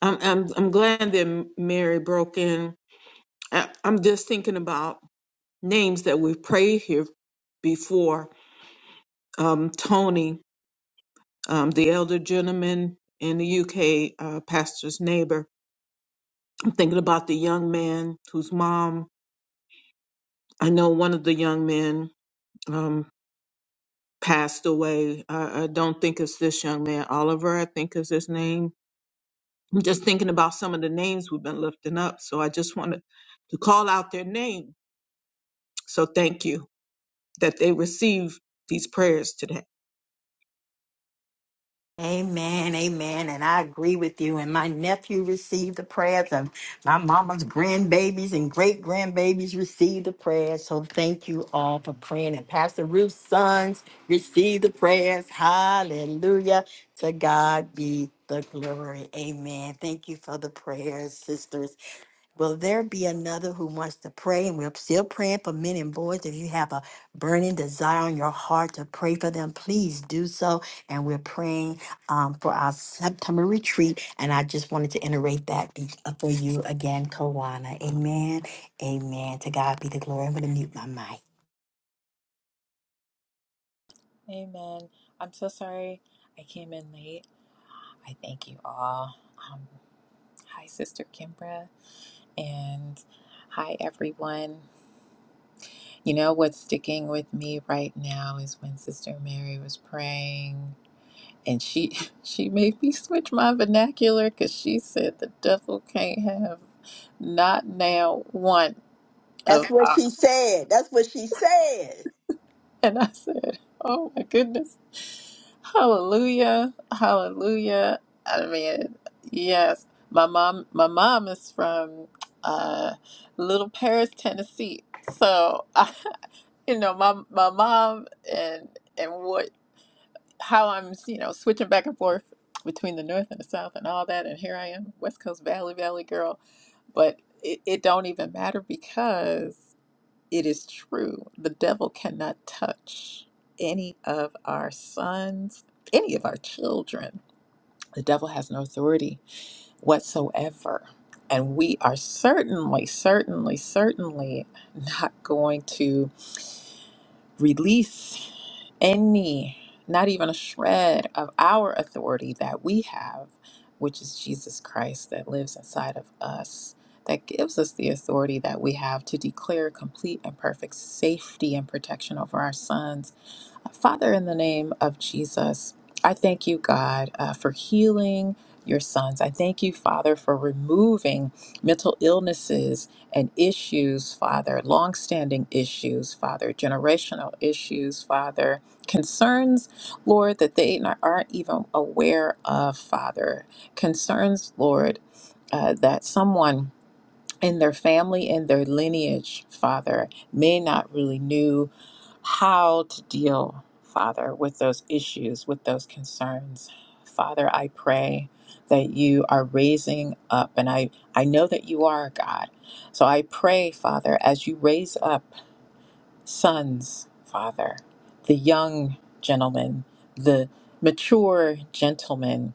Speaker 2: I'm I'm I'm glad that Mary broke in. I, I'm just thinking about names that we've prayed here before. Um, Tony, um, the elder gentleman and a uh, pastor's neighbor. I'm thinking the young man's mom. I know one of the young men um, passed away. Uh, this young man, Oliver, at his name. I'm just thinking about since we've been lifting up. So I just wanted to call out their name. So thank you. that they receive these prayers today.
Speaker 1: Amen, amen. And I agree with you. And my nephew received the prayers, and my mama's grandbabies and great grandbabies received the prayers. So thank you all for praying. And Pastor Ruth's sons received the prayers. Hallelujah. To God be the glory. Amen. Thank you for the prayers, sisters. Will there be another who wants to pray? And we're still praying for men and boys. If you have a burning desire on your heart to pray for them, please do so. And we're praying um, for our September retreat. And I just wanted to iterate that be- uh, for you again, Kawana. Amen. Amen. To God be the glory. I'm going to mute my mic.
Speaker 5: Amen. I'm so sorry I came in late. I thank you all. Um, hi, Sister Kimbra, and hi, everyone. You know what's sticking with me right now is when Sister Mary was praying, and she she made me switch my vernacular because she said the devil can't have not now one of
Speaker 1: That's what she said. That's what she said.
Speaker 5: And I said, Oh my goodness. Hallelujah. Hallelujah. I mean, yes. My mom my mom is from uh Little Paris, Tennessee. So I, you know, my my mom and and what how I'm, you know, switching back and forth between the north and the south and all that and here I am, West Coast Valley Valley girl. But it, it don't even matter because it is true. The devil cannot touch any of our sons, any of our children. The devil has no authority whatsoever. And we are certainly, certainly, certainly not going to release any, not even a shred of our authority that we have, which is Jesus Christ that lives inside of us, that gives us the authority that we have to declare complete and perfect safety and protection over our sons Father, in the name of Jesus, I thank you, God, uh, for healing your sons. I thank you, Father, for removing mental illnesses and issues, Father, longstanding issues, Father, generational issues, Father, concerns, Lord, that they not- aren't even aware of, Father, concerns, Lord, uh, that someone and their family and their lineage, Father, may not really knew how to deal, Father, with those issues, with those concerns. Father, I pray that you are raising up, and I, I know that you are God. So I pray, Father, as you raise up sons, Father, the young gentlemen, the mature gentlemen.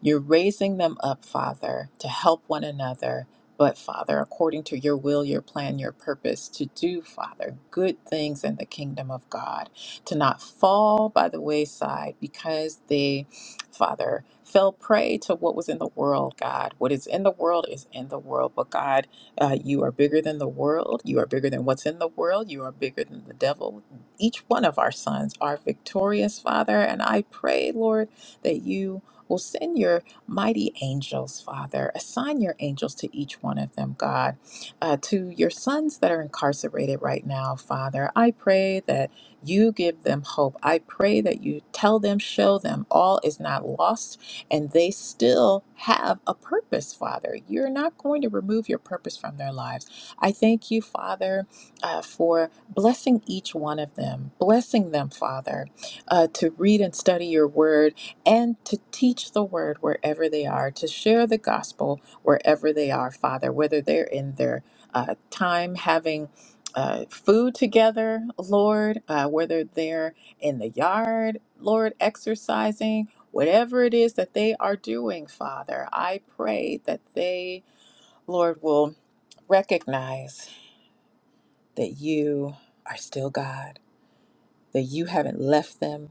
Speaker 5: You're raising them up, Father, to help one another, but, Father, according to your will, your plan, your purpose, to do, Father, good things in the kingdom of God, to not fall by the wayside because they, Father, fell prey to what was in the world, God. What is in the world is in the world, but God, uh, you are bigger than the world. You are bigger than what's in the world. You are bigger than the devil. Each one of our sons are victorious, Father. And I pray, Lord, that you will send your mighty angels, Father. Assign your angels to each one of them, God. Uh, to your sons that are incarcerated right now, Father, I pray that you give them hope. I pray that you tell them, show them all is not lost and they still have a purpose, Father. You're not going to remove your purpose from their lives. I thank you, Father, uh, for blessing each one of them, blessing them, Father, uh, to read and study your word and to teach the word wherever they are, to share the gospel wherever they are, Father, whether they're in their uh, time having. Uh, food together, Lord, uh, whether they're in the yard, Lord, exercising, Whatever it is that they are doing, Father, I pray that they, Lord, will recognize that you are still God, that you haven't left them,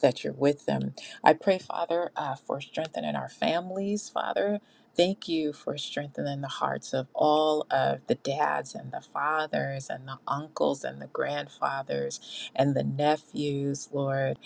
Speaker 5: that you're with them. I pray, Father, uh, for strengthening our families, Father. Thank you for strengthening the hearts of all of the dads and the fathers and the uncles and the grandfathers and the nephews, Lord.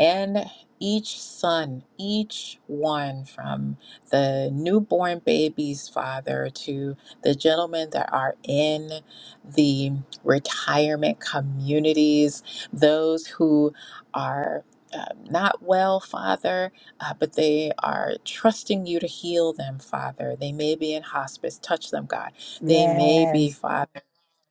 Speaker 5: And each son, each one from the newborn babies, Father, to the gentlemen that are in the retirement communities, those who are uh, not well, Father, uh, but they are trusting you to heal them, Father. They may be in hospice. Touch them, God. They may be,
Speaker 1: Yes.
Speaker 5: Father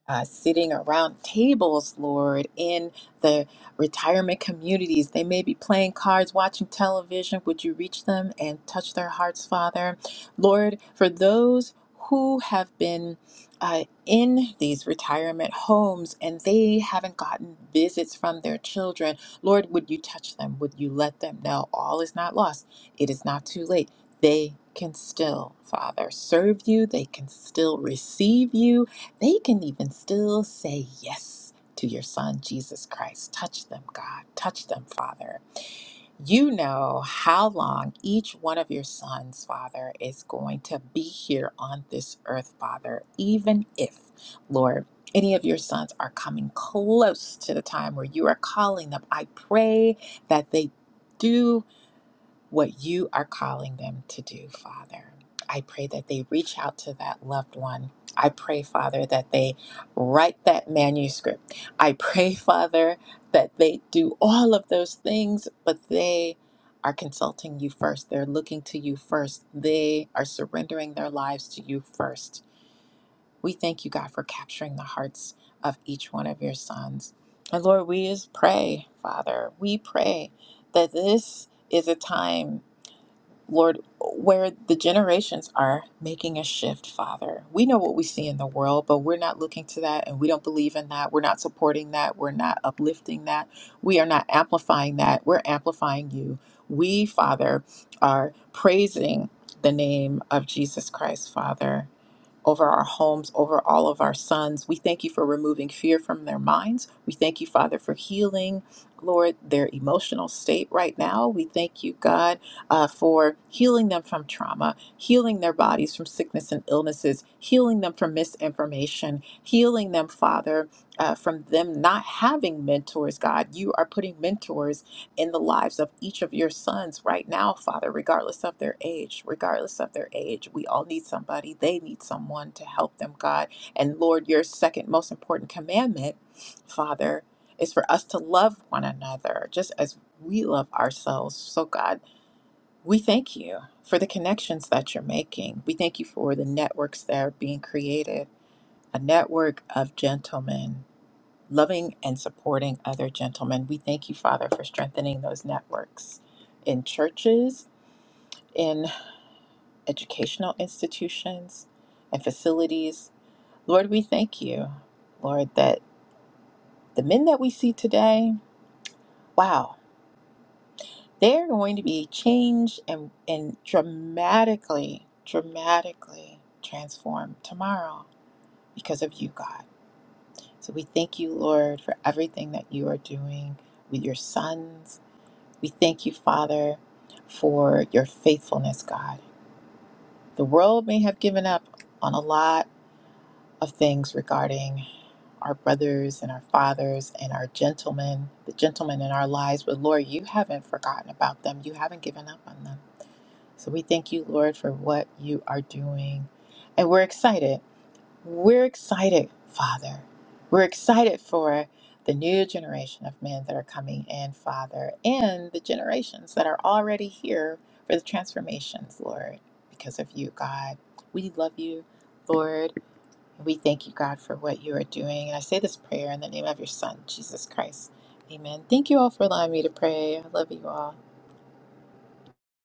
Speaker 5: uh, sitting around tables, Lord, in the retirement communities. They may be playing cards, watching television. Would you reach them and touch their hearts, Father? Lord, for those who have been uh, in these retirement homes and they haven't gotten visits from their children, Lord, would you touch them? Would you let them know all is not lost? It is not too late. They can still, Father, serve you. They can still receive you they can even still say yes to your son, Jesus Christ. Touch them, God. Touch them, Father. You know how long each one of your sons, Father, is going to be here on this earth, Father, even if, Lord, any of your sons are coming close to the time where you are calling them. I pray that they do what you are calling them to do, Father. I pray that they reach out to that loved one. I pray, Father, that they write that manuscript. I pray, Father, that they do all of those things, but they are consulting you first. They're looking to you first. They are surrendering their lives to you first. We thank you, God, for capturing the hearts of each one of your sons. And Lord, we just pray, Father, we pray that this is a time Lord, where the generations are making a shift, Father. We know what we see in the world, but we're not looking to that and we don't believe in that. We're not supporting that. We're not uplifting that. We are not amplifying that. We're amplifying you. We, Father, are praising the name of Jesus Christ, Father over our homes, over all of our sons. We thank you for removing fear from their minds. We thank you, Father, for healing, Lord, their emotional state right now. We thank you, God, uh, for healing them from trauma, healing their bodies from sickness and illnesses, healing them from misinformation, healing them, Father, uh, from them not having mentors, God. You are putting mentors in the lives of each of your sons right now, Father, regardless of their age, regardless of their age. We all need somebody. They need someone to help them, God. And Lord, your second most important commandment, Father, is for us to love one another just as we love ourselves. So, God, we thank you for the connections that you're making. We thank you for the networks that are being created, a network of gentlemen loving and supporting other gentlemen. We thank you, Father, for strengthening those networks in churches, in educational institutions, and facilities. Lord, we thank you, Lord, that the men that we see today, wow, they're going to be changed and, and dramatically, dramatically transformed tomorrow because of you, God. So we thank you, Lord, for everything that you are doing with your sons We thank you, Father, for your faithfulness, God. The world may have given up on a lot of things regarding our brothers and our fathers and our gentlemen, the gentlemen in our lives, but Lord, you haven't forgotten about them. You haven't given up on them. So we thank you, Lord, for what you are doing. And we're excited we're excited, Father. We're excited for the new generation of men that are coming in, Father, and the generations that are already here for the transformations, Lord, because of you, God. We love you, Lord. and We thank you, God, for what you are doing. And I say this prayer in the name of your Son, Jesus Christ. Amen. Thank you all for allowing me to pray. I love you all.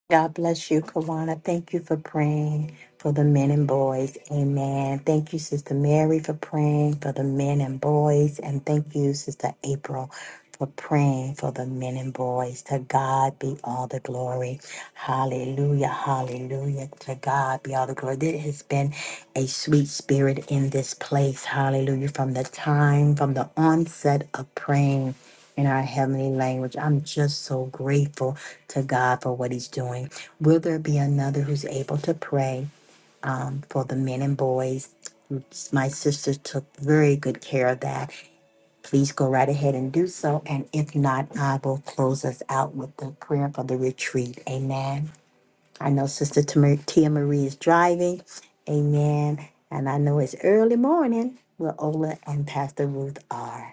Speaker 1: God bless you, Kawana. Thank you for praying for the men and boys. Amen. Thank you, Sister Mary, for praying for the men and boys. And thank you, Sister April, for praying for the men and boys. To God be all the glory. Hallelujah. Hallelujah. To God be all the glory. There has been a sweet spirit in this place. Hallelujah. From the time, from the onset of praying in our heavenly language. I'm just so grateful to God for what He's doing. Will there be another who's able to pray um, for the men and boys? My sister took very good care of that. Please go right ahead and do so. And if not, I will close us out with the prayer for the retreat. Amen. I know Sister Tamar- Tia Marie is driving. Amen. And I know it's early morning where Ola and Pastor Ruth are.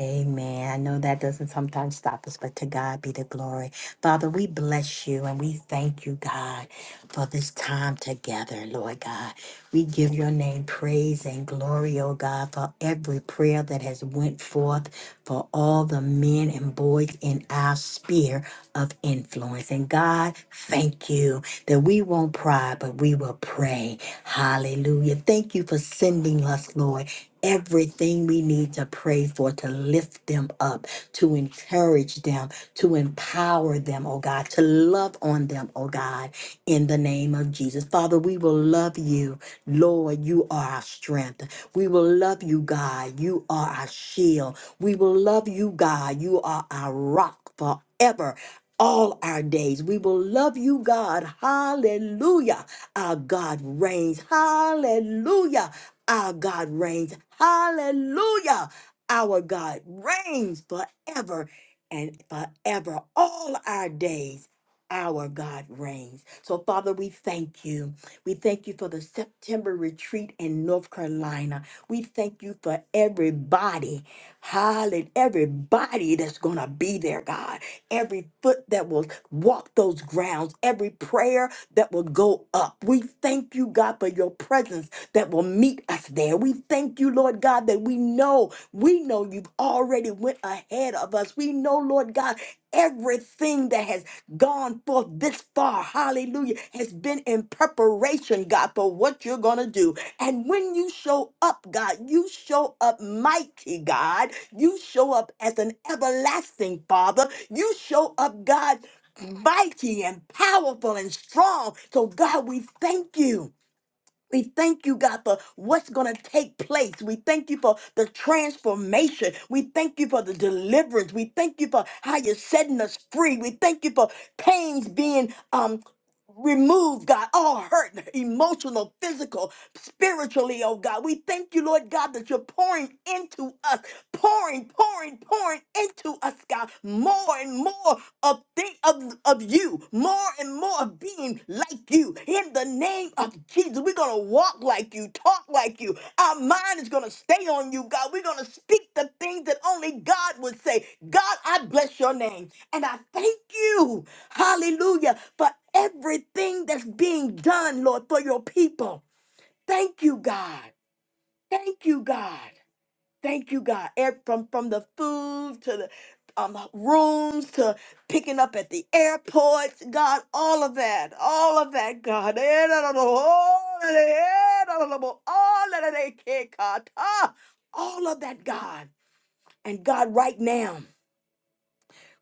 Speaker 1: Amen. I know that doesn't sometimes stop us, but to God be the glory. Father, we bless you and we thank you, God, for this time together, Lord God. We give your name praise and glory, oh God, for every prayer that has went forth for all the men and boys in our sphere of influence. And God, thank you that we won't pry, but we will pray. Hallelujah. Thank you for for sending us, Lord. Everything we need to pray for, to lift them up, to encourage them, to empower them, oh God, to love on them, oh God, in the name of Jesus. Father, we will love you. Lord, you are our strength. We will love you, God. You are our shield. We will love you, God. You are our rock forever. All our days, we will love you, God. Hallelujah. Our God reigns. Hallelujah. Our God reigns. Hallelujah. Our God reigns forever and forever. All our days, our God reigns. So, Father, we thank you. We thank you for the September retreat in North Carolina. We thank you for everybody. Hallelujah. Everybody that's going to be there, God. Every foot that will walk those grounds, every prayer that will go up. We thank you, God, for your presence that will meet us there. We thank you, Lord God, that we know, we know you've already went ahead of us. We know, Lord God, everything that has gone forth this far, hallelujah, has been in preparation, God, for what you're going to do. And when you show up, God, you show up mighty, God. You show up as an everlasting Father. You show up, God, mighty and powerful and strong. So, God, we thank you. We thank you, God, for what's going to take place. We thank you for the transformation. We thank you for the deliverance. We thank you for how you're setting us free. We thank you for pains being um, Remove, God, all hurt, emotional, physical, spiritually, oh God. We thank you, Lord God, that you're pouring into us, pouring, pouring, pouring into us, God, more and more of thing of, of you, more and more of being like you. In the name of Jesus, we're gonna walk like you, talk like you. Our mind is gonna stay on you, God. We're gonna speak the things that only God would say. God, I bless your name and I thank you. Hallelujah. For everything that's being done, Lord, for your people. Thank you, God. Thank you, God. Thank you, God. Ev- From from the food to the um, rooms to picking up at the airports, God, all of that, all of that, God. Eh, da, da, da, oh, da, da, eh, da, da, da, bo- oh, da, da, da, ke, ka, ta. All of that, God. And God, right now.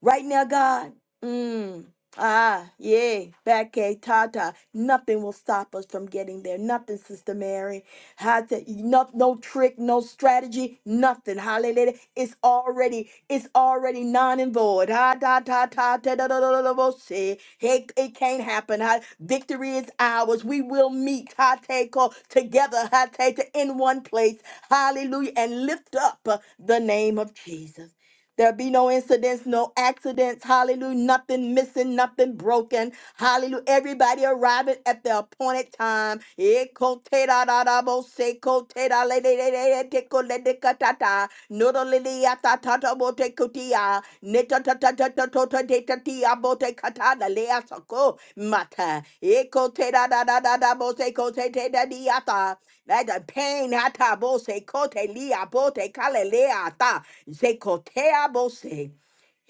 Speaker 1: Right now, God, mm, ah, yeah, Becky, Tata, nothing will stop us from getting there. Nothing, Sister Mary. How to, no, no trick, no strategy, nothing. Hallelujah. It's already, it's already non and void. Ha, ta, ta, ta, da, da, da, da, da, da, say. Hey, it can't happen. Ha, victory is ours. We will meet, ha, take all together, ha, take in one place. Hallelujah. And lift up uh, the name of Jesus. There be no incidents, no accidents. Hallelujah. Nothing missing, nothing broken. Hallelujah. Everybody arriving at the appointed time. Ekote-da-da-da-bo-se-kote-da-le-le-le-le-le-te-ko-le-de-ka-ta-ta. Nodolili-ya-ta-ta-ta-bo-te-kuti-ya-ta-ta. Tia, netatatatatotatatatia, bote katada lea soko, mata, eko te da da da da da, bose ko te te da diata, that the pain hata bose kote lia bote kale lea ta, zeko tea bose,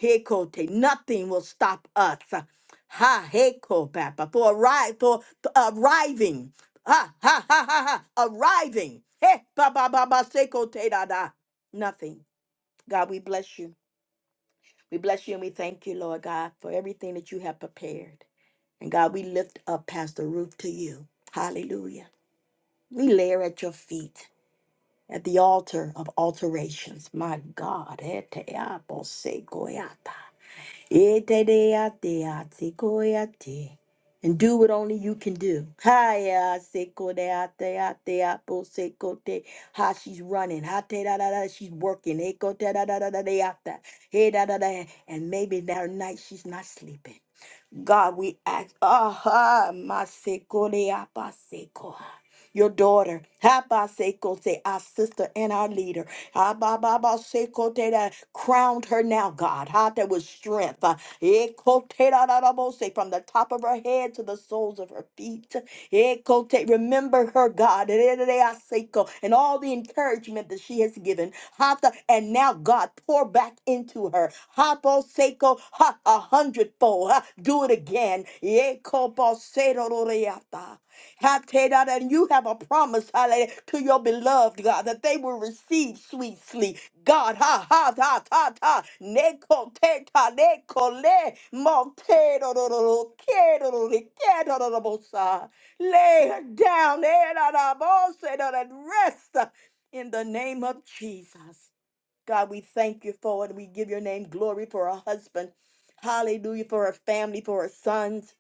Speaker 1: heko te, nothing will stop us. Ha heko papa, for arrive, for for arriving, ha ha ha ha ha, arriving, he ba ba ba ba seko te da da, nothing. God, we bless you. We bless you and we thank you, Lord God, for everything that you have prepared. And God, we lift up Pastor Ruth to you. Hallelujah. We lay her at your feet at the altar of alterations. My God. ete apo se goyata. Ete-de-ate-ate-ko-ate. And do what only you can do. Hiya, seko-de-ate-ate-apo-seko-te. Ha, she's running. Ha, te da da da, she's working. Eko te da da da da de ata. He da da da. And maybe that night she's not sleeping. God, we ask. Ah, ha, ma seko de apa seko your daughter, Habasekote, our sister and our leader, Habababasekote, that crowned her now, God, how that was strength, uh, Ekoterarabose, from the top of her head to the soles of her feet. Ekote, Remember her, God, Erereaseko, and all the encouragement that she has given. Hata, and now, God, pour back into her. Haboseko, ha, a hundredfold. ha, Do it again. Ekoboserororeata. God, and you have a promise, hallelujah, to your beloved God that they will receive sweet sleep. God, ha ha ta ta ha, neko te ta neko le mo te do do do do ke do do do ke do do do bo sa. Lay her down, eh, da da bo se do and rest uh, in the name of Jesus. God, we thank you for it. We give your name glory for our husband. Hallelujah for her family, for her sons.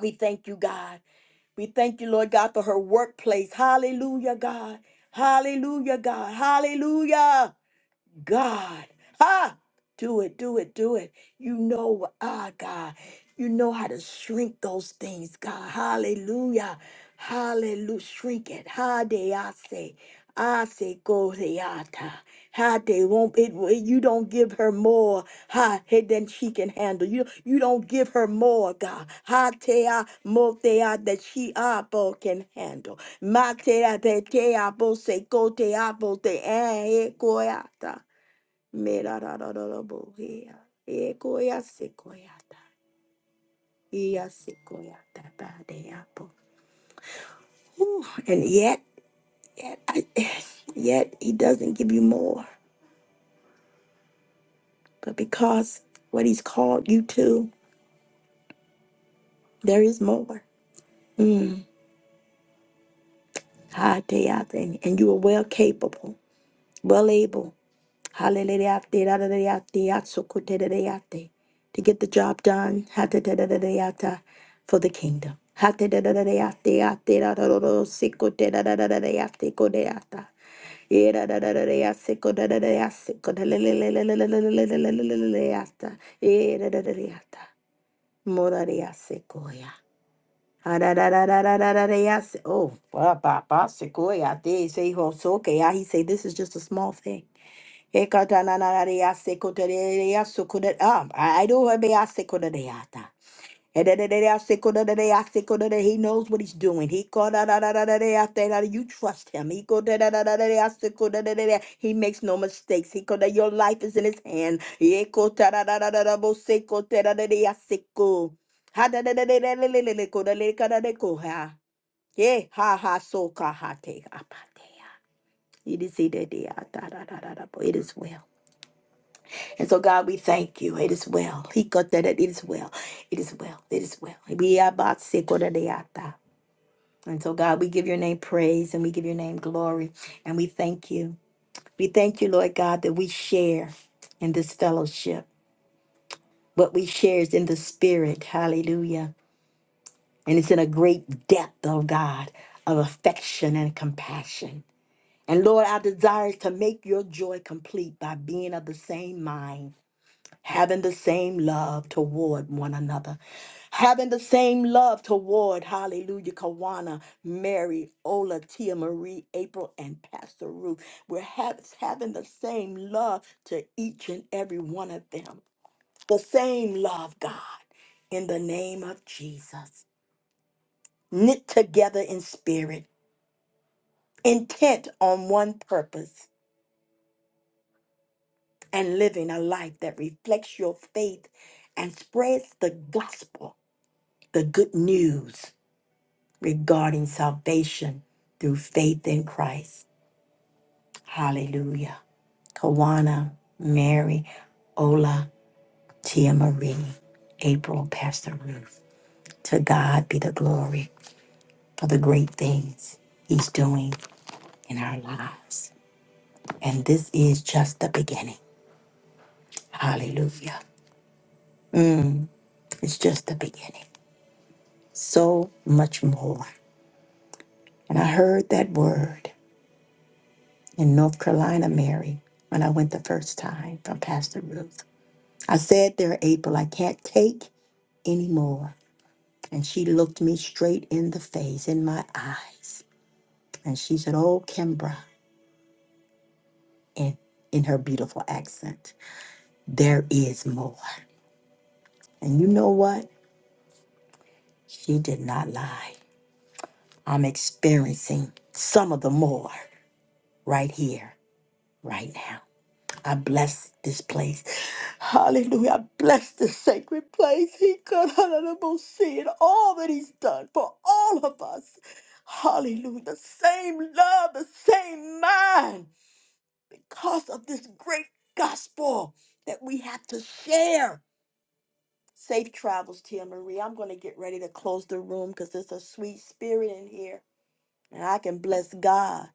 Speaker 1: We thank you, God. We thank you, Lord God, for her workplace. Hallelujah, God. Hallelujah, God. Hallelujah. God. ah, Do it, do it, do it. You know, ah, God, you know how to shrink those things, God. Hallelujah. Hallelujah. Shrink it. Ha de I say. I say go de ata. Ha de won't it you don't give her more ha he- than she can handle. You you don't give her more, God. Ha te a mo te a that she abo can handle. Ma te a te te abo se go te abo te eh eh, go ata. Merarararabohea. Ekoya sekoyata. Iya sekoyata badeapo. Whew. And yet, yet, I, yet he doesn't give you more. But because what he's called you to, there is more. Mm. Hadeata. And and you are well capable, well able. Hallelujah-te, da-da-da-da-te, yatsukote-da-da-da-te. To get the job done ha-ta-da-da-da-da-ta, for the kingdom. Ha-ta-da-da-da-da-te, yate, da-da-da-da-sikote-da-da-da-da-te, kodeata. Ye-da-da-da-da-da-siko-da-da-da-da-siko-da-da-da-da-da-siko-da-da-da-da-da-da-da-da-da-da-da-da-da-ta. Ye-da-da-da-da-da-ta. Morariasikoya. Ha-da-da-da-da-da-da-da-da-da-da-da-da-da-da-da-da-da-da-da. Oh, ba-ba-ba-sikoya. They say, "Oh, so okay." I- He say, "This is just a small thing." And so, God, we thank you. It is well. He got that. It is well. It is well. It is well. We are about to go to the altar. And so, God, we give your name praise and we give your name glory. And we thank you. We thank you, Lord God, that we share in this fellowship. What we share is in the spirit. Hallelujah. And it's in a great depth, oh God, of affection and compassion. And Lord, our desire is to make your joy complete by being of the same mind having the same love toward one another, having the same love toward, hallelujah, Kawana, Mary, Ola, Tia Marie, April, and Pastor Ruth. We're ha- having the same love to each and every one of them. The same love, God, in the name of Jesus. Knit together in spirit, intent on one purpose, and living a life that reflects your faith and spreads the gospel the good news regarding salvation through faith in Christ. Hallelujah. Kawana, Mary, Ola, Tia Marie, April, Pastor Ruth. To God be the glory for the great things He's doing in our lives. And this is just the beginning. Hallelujah. It's just the beginning. So much more. And I heard that word. in North Carolina, Mary, when I went the first time from Pastor Ruth. I said there, April, I can't take anymore. And she looked me straight in the face, in my eyes. And she said, Oh, Kimbra, in, in her beautiful accent, there is more. And you know what? She did not lie. I'm experiencing some of the more right here, right now. I bless this place. Hallelujah. I bless this sacred place. He could see it all that he's done for all of us. Hallelujah. The same love, the same mind. Because of this great gospel that we have to share. Safe travels, Tia Marie. I'm going to get ready to close the room because there's a sweet spirit in here. And I can bless God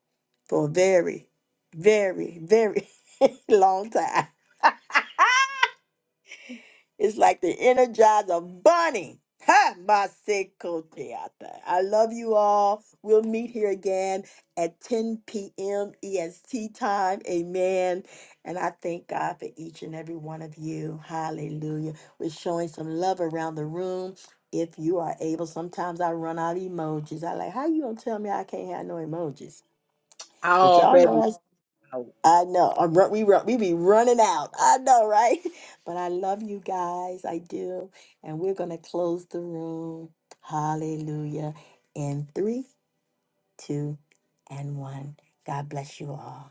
Speaker 1: for a very, very, very long time. It's like the energizer bunny. Ha! My Seiko theater. I love you all. We'll meet here again at 10 p.m. EST time. Amen. And I thank God for each and every one of you. Hallelujah. We're showing some love around the room. If you are able, sometimes I run out of emojis. I like, how you gonna tell me I can't have no emojis?
Speaker 3: I
Speaker 1: But y'all
Speaker 3: already know.
Speaker 1: know I know. I'm run, we run, we be running out. I know, right? But I love you guys. I do. And we're gonna close the room. Hallelujah. In three, two, and one. God bless you all.